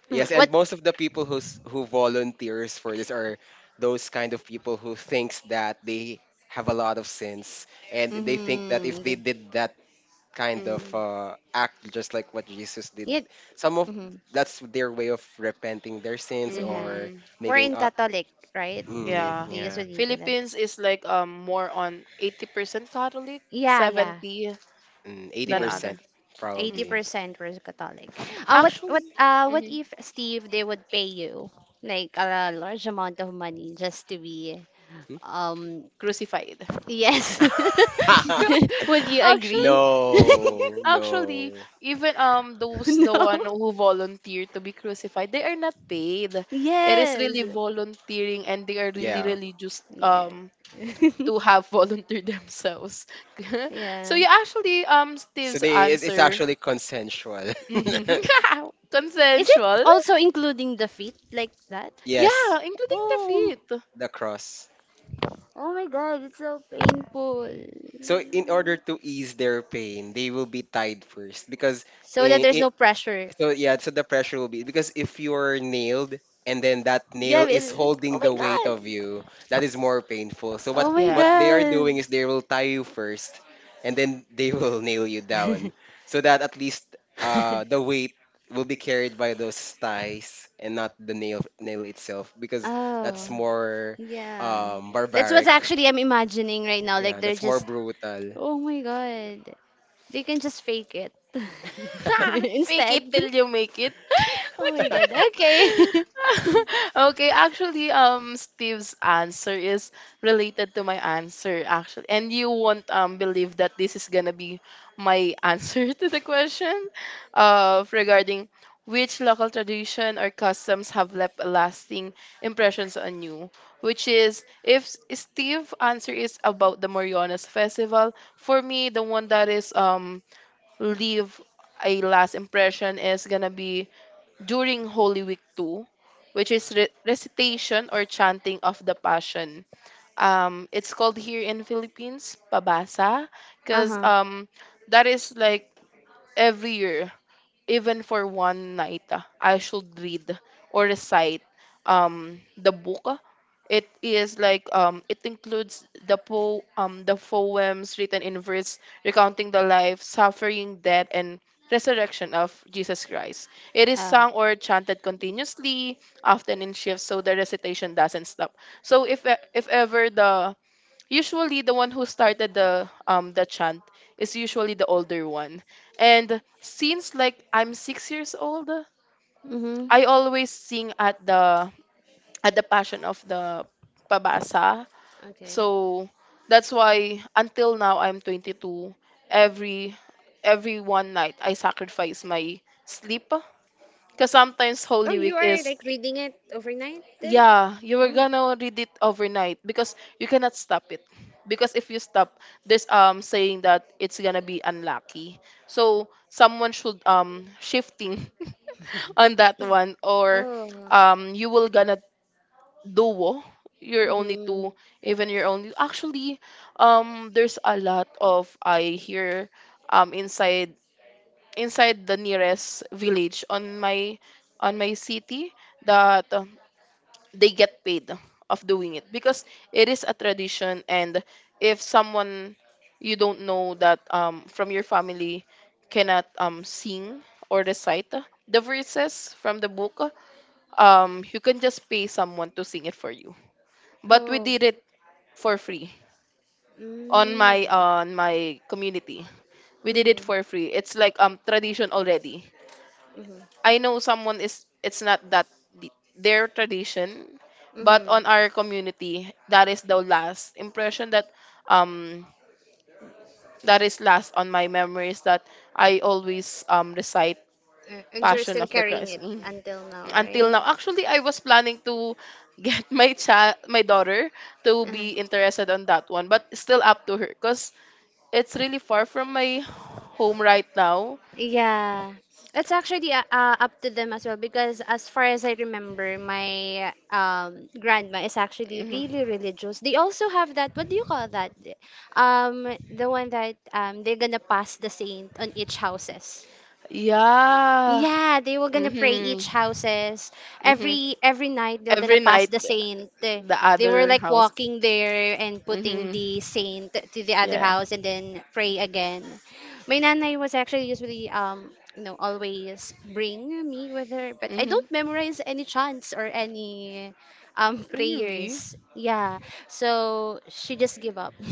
Speaker 2: hmm,
Speaker 3: Yes, and
Speaker 2: what,
Speaker 3: most of the people who volunteers for this are those kind of people who thinks that they have a lot of sins, and they think that if
Speaker 2: mm-hmm,
Speaker 3: they
Speaker 2: the,
Speaker 3: did that kind of
Speaker 1: Mm.
Speaker 3: act just like what Jesus did,
Speaker 2: yeah,
Speaker 3: some of
Speaker 2: mhm,
Speaker 3: that's their way of repenting their sins
Speaker 2: yeah.
Speaker 3: or
Speaker 1: Mm-hmm.
Speaker 2: We're
Speaker 3: making
Speaker 2: in
Speaker 3: a
Speaker 2: Catholic, right?
Speaker 3: mm,
Speaker 1: Yeah.
Speaker 2: They
Speaker 3: yeah.
Speaker 2: usually do that.
Speaker 1: Philippines is like more on 80% Catholic,
Speaker 2: Yeah, yeah.
Speaker 1: 70
Speaker 3: Mm,
Speaker 1: than
Speaker 2: Yeah.
Speaker 1: other.
Speaker 3: 80%
Speaker 1: Mm.
Speaker 3: probably.
Speaker 2: 80% were Catholic. What what
Speaker 1: Actually,
Speaker 2: uh what
Speaker 1: mhm,
Speaker 2: if Steve they would pay you like a large amount of money just to be,
Speaker 3: Hmm?
Speaker 2: um
Speaker 1: crucified.
Speaker 2: yes. Would you agree?
Speaker 1: Actually,
Speaker 3: No,
Speaker 1: actually,
Speaker 3: no.
Speaker 1: even those the one
Speaker 2: No.
Speaker 1: who volunteer to be crucified, they are not paid. It is
Speaker 2: Yes.
Speaker 1: really volunteering, and they are really
Speaker 3: Yeah,
Speaker 1: really just
Speaker 2: Yeah.
Speaker 1: to have volunteer themselves. So
Speaker 2: Yeah.
Speaker 1: yeah, actually,
Speaker 3: so
Speaker 1: Steve's
Speaker 3: they it, it's
Speaker 1: answer.
Speaker 3: actually consensual.
Speaker 2: Is it
Speaker 1: Consensual.
Speaker 2: also including the feet like that?
Speaker 3: Yes,
Speaker 1: Yeah, including the
Speaker 2: Oh.
Speaker 1: feet.
Speaker 3: the cross.
Speaker 2: Oh my god, it's so painful.
Speaker 3: So in order to ease their pain, they will be tied first because
Speaker 2: So that
Speaker 3: in,
Speaker 2: there's no pressure.
Speaker 3: so yeah, so the pressure will be, because if you're nailed and then that
Speaker 2: Yeah,
Speaker 3: nail is
Speaker 2: it's, oh
Speaker 3: holding
Speaker 2: my
Speaker 3: the weight
Speaker 2: god.
Speaker 3: of you, that is more painful. So
Speaker 2: Oh my
Speaker 3: what
Speaker 1: Yeah.
Speaker 3: they are
Speaker 2: god.
Speaker 3: doing is they will tie you first, and then they will nail you down so that at least the weight will be carried by those ties and not the nail itself because that's
Speaker 2: Oh.
Speaker 3: more
Speaker 2: Yeah. That's what
Speaker 3: barbaric.
Speaker 2: actually I'm imagining right now.
Speaker 3: Yeah,
Speaker 2: Like they're
Speaker 3: that's more
Speaker 2: just,
Speaker 3: brutal.
Speaker 2: oh my god. They can just fake it,
Speaker 1: Fake it
Speaker 2: instead.
Speaker 1: till you make it.
Speaker 2: Oh my god. Okay.
Speaker 1: Okay, actually, Steve's answer is related to my answer, actually, and you won't believe that this is gonna be my answer to the question, of regarding which local tradition or customs have left lasting impressions on you. Which is, if S- Steve answer is about the Moriones festival. For me, the one that is leave a last impression is gonna be during Holy Week 2, which is recitation or chanting of the Passion. It's called here in Philippines, pabasa, because
Speaker 2: Uh-huh.
Speaker 1: that is like every year, even for one night, I should read or recite the book. It is like it includes the poems written in verse, recounting the life, suffering, death, and resurrection of Jesus Christ. It is
Speaker 2: Oh.
Speaker 1: sung or chanted continuously, often in shifts, so the recitation doesn't stop. So if ever the, usually the one who started the the chant is usually the older one. And since like I'm 6 years old,
Speaker 2: Mm-hmm.
Speaker 1: I always sing at the, at the passion of the pabasa. So
Speaker 2: Okay.
Speaker 1: that's why until now I'm 22, every every one night I sacrifice my sleep because sometimes
Speaker 2: Oh,
Speaker 1: Holy
Speaker 2: you
Speaker 1: Week
Speaker 2: are
Speaker 1: is.
Speaker 2: like reading it overnight, eh?
Speaker 1: Yeah, you were
Speaker 2: Oh.
Speaker 1: gonna read it overnight because you cannot stop it. Because if you stop, there's saying that it's gonna be unlucky. So someone should shifting on that one, or
Speaker 2: Oh.
Speaker 1: you will gonna duo your only
Speaker 2: Mm-hmm.
Speaker 1: two, even your only. Actually, there's a lot of I hear inside, inside the nearest village on my, on my city that they get paid of doing it because it is a tradition. And if someone, you don't know that, from your family cannot, sing or recite the verses from the book, you can just pay someone to sing it for you, but we
Speaker 2: Oh.
Speaker 1: did it for free
Speaker 2: Mm.
Speaker 1: on
Speaker 2: Mm-hmm.
Speaker 1: my,
Speaker 2: Mm-hmm.
Speaker 1: on my community. We did it for free. It's like tradition already.
Speaker 2: Mm-hmm.
Speaker 1: I know someone is, it's not that their tradition, but on our community, that is the last impression that um that is last on my memories, that I always recite
Speaker 2: And you're
Speaker 1: Passion
Speaker 2: still
Speaker 1: of the
Speaker 2: carrying
Speaker 1: Christ.
Speaker 2: it
Speaker 1: Mm.
Speaker 2: until now,
Speaker 1: Until
Speaker 2: right?
Speaker 1: now. Actually, I was planning to get my child, my daughter, to
Speaker 2: Uh-huh.
Speaker 1: be interested on that one, but still up to her because it's really far from my home right now.
Speaker 2: Yeah. It's actually, up to them as well, because as far as I remember, my, grandma is actually
Speaker 1: Mhm.
Speaker 2: really religious. They also have that, what do you call that? The one that, they're gonna pass the saint on each houses.
Speaker 1: Yeah.
Speaker 2: Yeah, they were gonna pray
Speaker 1: Mm-hmm.
Speaker 2: each houses.
Speaker 1: Mm-hmm.
Speaker 2: Every night they're gonna
Speaker 1: Every
Speaker 2: pass
Speaker 1: night
Speaker 2: the saint. They,
Speaker 1: the
Speaker 2: they were
Speaker 1: other
Speaker 2: like
Speaker 1: house.
Speaker 2: walking there and putting
Speaker 1: Mhm.
Speaker 2: the saint to the other
Speaker 1: Yeah.
Speaker 2: house and then pray again. My nanay was actually usually always bring me with her, but I
Speaker 1: Mhm.
Speaker 2: don't memorize any chants or any
Speaker 1: Really?
Speaker 2: prayers. Yeah, so she just give up.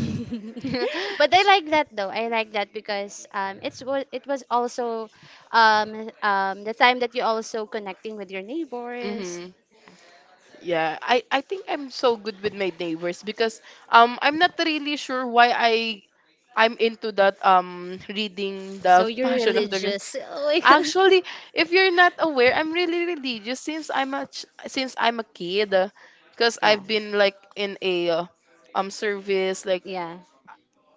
Speaker 2: But I
Speaker 1: S-.
Speaker 2: like that though. I like that because it's it was also the time that you also connecting with your neighbors.
Speaker 1: Mhm. Yeah. I think I'm so good with my neighbors because I'm not really sure why I, I'm into that reading
Speaker 2: So
Speaker 1: the
Speaker 2: you're
Speaker 1: Passion of the Christ.
Speaker 2: religious. Oh my God.
Speaker 1: Actually, if you're not aware, I'm really religious since since I'm a kid, because
Speaker 2: Yeah.
Speaker 1: I've been like in a service like,
Speaker 2: Yeah.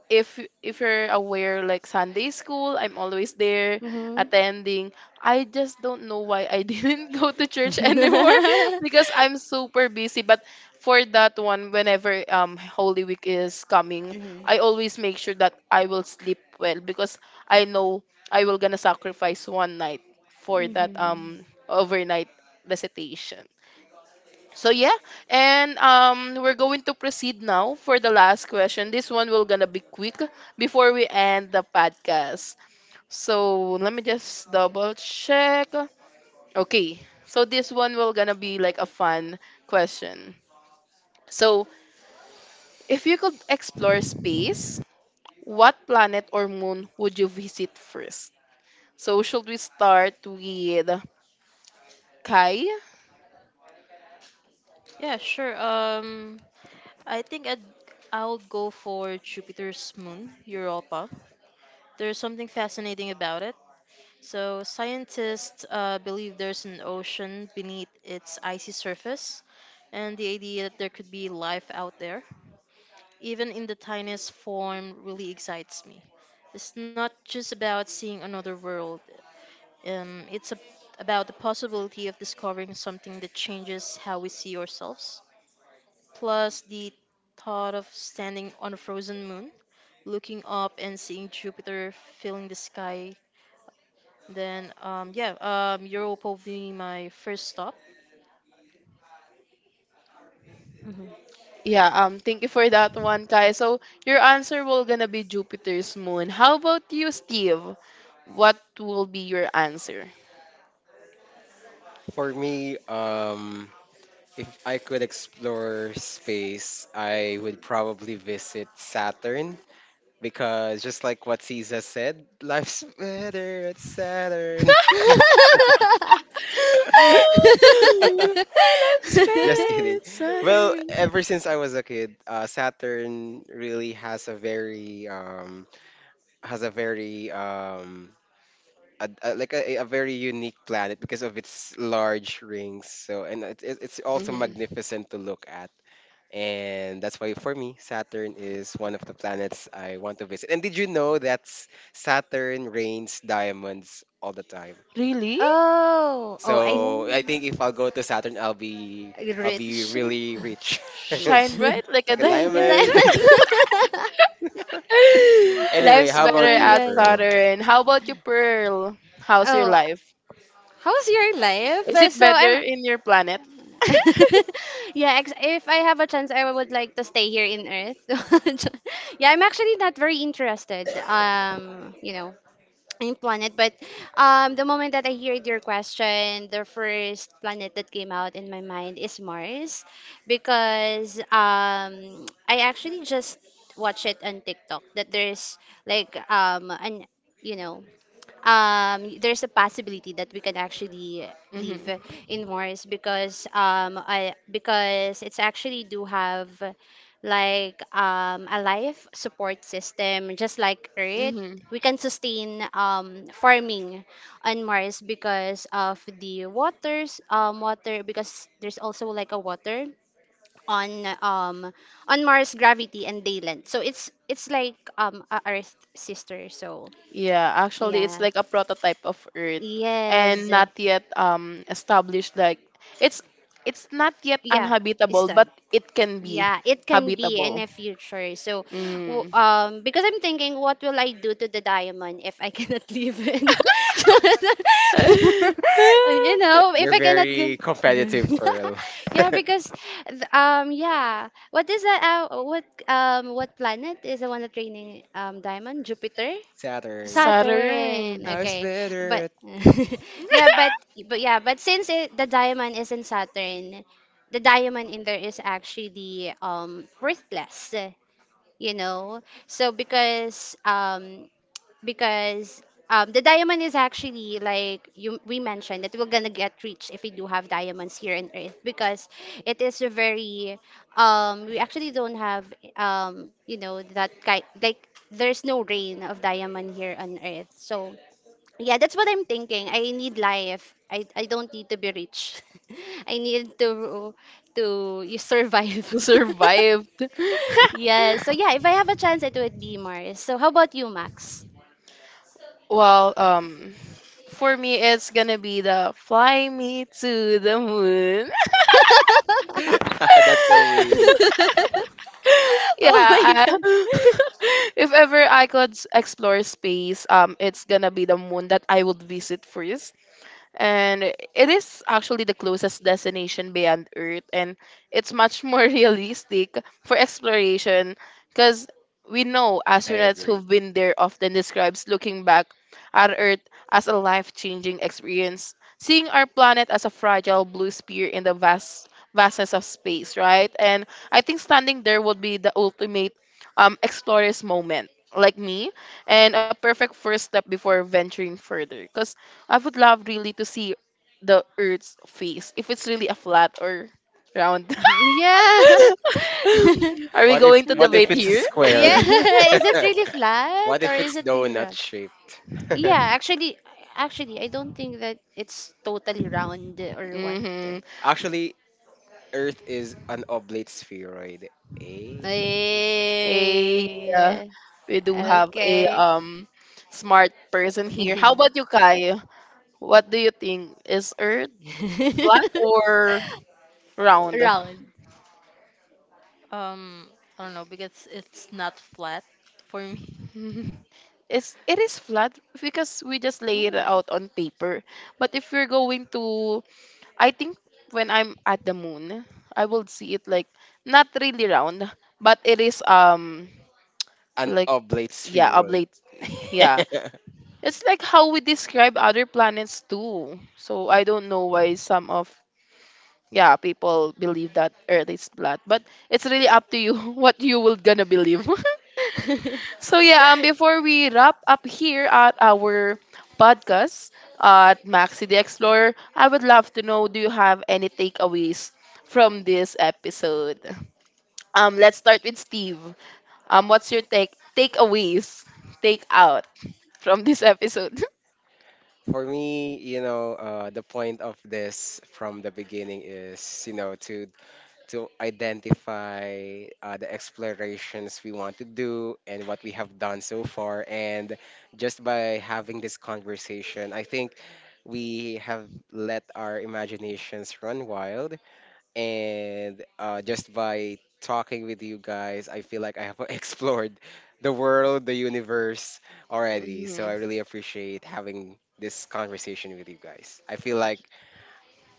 Speaker 1: if if you're aware, like Sunday school, I'm always there
Speaker 2: Mm-hmm.
Speaker 1: attending. I just don't know why I didn't go to church anymore
Speaker 2: Mm-hmm.
Speaker 1: because I'm super busy. But for that one, whenever Holy Week is coming, I always make sure that I will sleep well because I know I will gonna sacrifice one night for that
Speaker 2: Mm-hmm.
Speaker 1: overnight recitation. So yeah, and we're going to proceed now for the last question. This one will gonna be quick before we end the podcast. So let me just double check. Okay, so this one will gonna be like a fun question. So if you could explore space, what planet or moon would you visit first? So should we start with Kai?
Speaker 4: Yeah, sure. I think I'll go for Jupiter's moon, Europa. There's something fascinating about it. So, scientists believe there's an ocean beneath its icy surface, and the idea that there could be life out there, even in the tiniest form, really excites me. It's not just about seeing another world, um, it's a, about the possibility of discovering something that changes how we see ourselves. Plus, the thought of standing on a frozen moon, looking up and seeing Jupiter filling the sky. Yeah, Europe will be my first stop.
Speaker 1: Yeah, thank you for that one, Kai. So your answer will gonna be Jupiter's moon. How about you, Steve? What will be your answer?
Speaker 3: For me, if I could explore space, I would probably visit Saturn because just like what Caesar said, life's better at Saturn.
Speaker 2: Mm-hmm.
Speaker 1: Let's spend
Speaker 3: Just kidding.
Speaker 1: it,
Speaker 3: Well,
Speaker 1: Saturn.
Speaker 3: ever since I was a kid, Saturn really has a very a, like a very unique planet because of its large rings. So and it's also
Speaker 1: Hmm.
Speaker 3: magnificent to look at. And that's why for me, Saturn is one of the planets I want to visit. And did you know that Saturn rains diamonds all the time?
Speaker 1: Really?
Speaker 2: Oh, I
Speaker 3: So I
Speaker 1: Oh.
Speaker 3: think if I'll go to Saturn, I'll be
Speaker 2: rich,
Speaker 3: really rich,
Speaker 1: Shine
Speaker 2: rich.
Speaker 1: bright like a
Speaker 3: like a
Speaker 2: Yung
Speaker 1: diamond.
Speaker 3: diamond.
Speaker 2: diamond.
Speaker 3: Anyway,
Speaker 1: Life's
Speaker 3: how
Speaker 2: Oh
Speaker 1: better
Speaker 3: about
Speaker 2: my
Speaker 3: you,
Speaker 1: at
Speaker 2: God.
Speaker 3: Pearl?
Speaker 1: Saturn. How about you, Pearl? How's your
Speaker 2: Oh,
Speaker 1: life?
Speaker 2: how's your life?
Speaker 1: Is it
Speaker 2: So
Speaker 1: better
Speaker 2: I'm
Speaker 1: in your planet?
Speaker 2: yeah, if I have a chance, I would like to stay here in Earth. Yeah, I'm actually not very interested, in planet. But the moment that I heard your question, the first planet that came out in my mind is Mars, because I actually just watch it on TikTok that there's like an you know there's a possibility that we can actually live
Speaker 1: Mm-hmm.
Speaker 2: in Mars because I because it's actually do have like a life support system just like Earth.
Speaker 1: Mm-hmm.
Speaker 2: We can sustain farming on Mars because of the waters water because there's also like a water on um on Mars gravity and dayland. So it's like a Earth sister. So
Speaker 1: Yeah, actually, it's
Speaker 2: yeah.
Speaker 1: like a prototype of Earth, and
Speaker 2: Yes.
Speaker 1: not yet established. Like, it's it's not yet
Speaker 2: Yeah, it's
Speaker 1: unhabitable, but
Speaker 2: done.
Speaker 1: it can be
Speaker 2: Yeah, it can be in
Speaker 1: habitable.
Speaker 2: the future. So,
Speaker 1: Mm.
Speaker 2: because I'm thinking, what will I do to the diamond if I cannot leave it? And, you know, if
Speaker 3: You're
Speaker 2: I cannot.
Speaker 3: very competitive, Pearl.
Speaker 2: Yeah, yeah. What is that? What planet is the one that raining diamond? Jupiter.
Speaker 3: Saturn.
Speaker 1: Saturn.
Speaker 2: Saturn.
Speaker 3: Life's
Speaker 2: Okay.
Speaker 3: better
Speaker 2: But
Speaker 3: at-
Speaker 2: yeah, but yeah, but since the diamond is in Saturn, the diamond in there is actually worthless, you know. So because the diamond is actually like you we mentioned that we're gonna get rich if we do have diamonds here on Earth because it is a very we actually don't have you know that kind like there's no rain of diamond here on Earth. So yeah, that's what I'm thinking. I need life. I don't need to be rich. I need to you survive.
Speaker 1: Survived.
Speaker 2: Yeah, so yeah, if I have a chance it would be Mars. So how about you, Max?
Speaker 1: Well, for me, it's gonna be the fly me to the moon.
Speaker 3: That's so weird.
Speaker 2: Oh my
Speaker 1: Yeah,
Speaker 2: God.
Speaker 1: I, if ever I could explore space, it's gonna be the moon that I would visit first. And it is actually the closest destination beyond Earth, and it's much more realistic for exploration. Because we know
Speaker 3: I
Speaker 1: astronauts
Speaker 3: agree.
Speaker 1: who've been there often describes looking back at Earth as a life-changing experience, seeing our planet as a fragile blue sphere in the vastness of space, right? And I think standing there would be the ultimate explorer's moment, like me, and a perfect first step before venturing further. Because I would love really to see the Earth's face, if it's really a flat or round.
Speaker 2: Yeah.
Speaker 1: Are we going to
Speaker 3: What
Speaker 1: debate
Speaker 3: if it's a
Speaker 1: here?
Speaker 2: Yeah.
Speaker 3: square?
Speaker 2: Is it really
Speaker 3: What
Speaker 2: flat or
Speaker 3: if it's
Speaker 2: is it really
Speaker 3: donut
Speaker 2: round?
Speaker 3: shaped?
Speaker 2: Yeah, actually, I don't think that it's totally round or what.
Speaker 1: Mm-hmm.
Speaker 3: Actually, Earth is an oblate spheroid. Eh?
Speaker 2: Eh,
Speaker 1: A uh, we do have a
Speaker 2: okay.
Speaker 1: smart person here. How about you, Kai? What do you think? Is Earth flat or round?
Speaker 2: Round.
Speaker 4: Um, I don't know because it's not flat for me.
Speaker 1: It's, it is flat because we just lay it
Speaker 4: Ooh.
Speaker 1: out on paper. But if we're going to, I think when I'm at the moon, I will see it like not really round, but it is
Speaker 3: An
Speaker 1: like,
Speaker 3: oblate
Speaker 1: yeah,
Speaker 3: spheroid.
Speaker 1: oblate. Yeah. It's like how we describe other planets too. So I don't know why some of, yeah, people believe that Earth is flat, but it's really up to you what you will gonna believe. So yeah, before we wrap up here at our podcast at Maxi the Explorer, I would love to know, do you have any takeaways from this episode? Let's start with Steve. What's your takeaways, take out from this episode?
Speaker 3: For me, you know, the point of this from the beginning is, you know, to identify the explorations we want to do and what we have done so far. And just by having this conversation, I think we have let our imaginations run wild. And just by talking with you guys, I feel like I have explored the world, the universe already. So
Speaker 1: Hmm.
Speaker 3: I really appreciate having this conversation with you guys. I feel like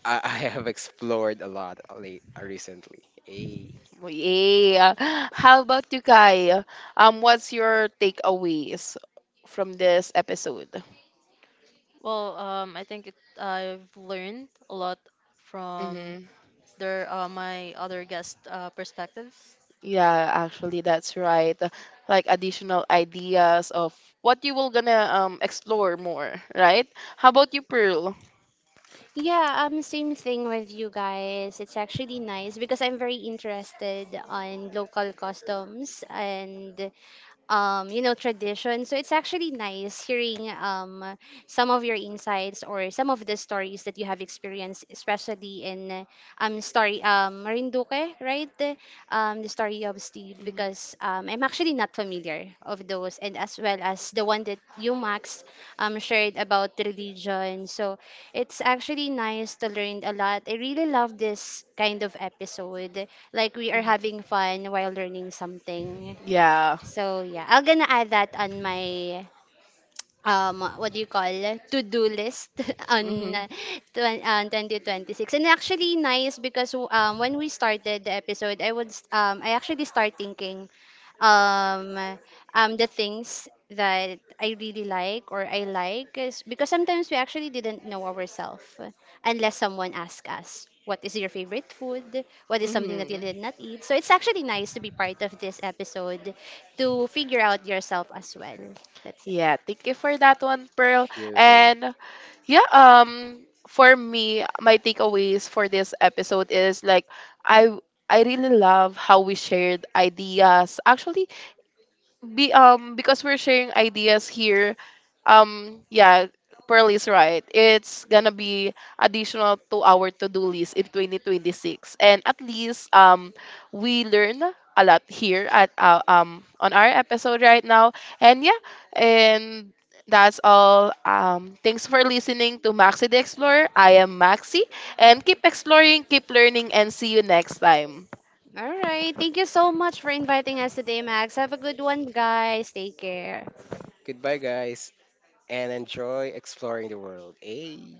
Speaker 3: I have explored a lot late, recently. Hey,
Speaker 1: Yeah. How about you, Kai? What's your takeaways from this episode?
Speaker 4: Well, I've learned a lot from their my other guest perspectives.
Speaker 1: Yeah, actually, that's right. Like additional ideas of what you will gonna explore more, right? How about you, Pearl?
Speaker 2: Yeah, same thing with you guys. It's actually nice because I'm very interested on local customs and you know, tradition. So it's actually nice hearing some of your insights or some of the stories that you have experienced, especially in story Marinduque, right? The story of Steve,
Speaker 1: Mhm.
Speaker 2: because I'm actually not familiar of those, and as well as the one that you, Max, shared about religion. So it's actually nice to learn a lot. I really love this kind of episode. Like we are
Speaker 1: Mhm.
Speaker 2: having fun while learning something.
Speaker 1: Yeah.
Speaker 2: So yeah, I'm gonna add that on my what do you call to do list on
Speaker 1: Mm-hmm.
Speaker 2: on 2026. And actually nice because when we started the episode, I would I actually start thinking um the things that I really like, or I like, is because sometimes we actually didn't know ourselves unless someone asked us, what is your favorite food, what is something that you
Speaker 1: Mm-hmm.
Speaker 2: did not eat? So it's actually nice to be part of this episode to figure out yourself as well. That's it.
Speaker 1: Yeah. Thank you for that one, Pearl.
Speaker 3: here, here.
Speaker 1: And yeah, for me, my takeaways for this episode is like, I I really love how we shared ideas. Actually, be because we're sharing ideas here. Um, yeah, pearl is right, it's gonna be additional to our to-do list in 2026. And at least we learn a lot here at on our episode right now. And yeah, and that's all. Um, thanks for listening to Maxi the Explorer. I am Maxi, and keep exploring, keep learning, and see you next time.
Speaker 2: All right, thank you so much for inviting us today, Max. Have a good one, guys. Take care.
Speaker 3: Goodbye, guys, and enjoy exploring the world. Hey.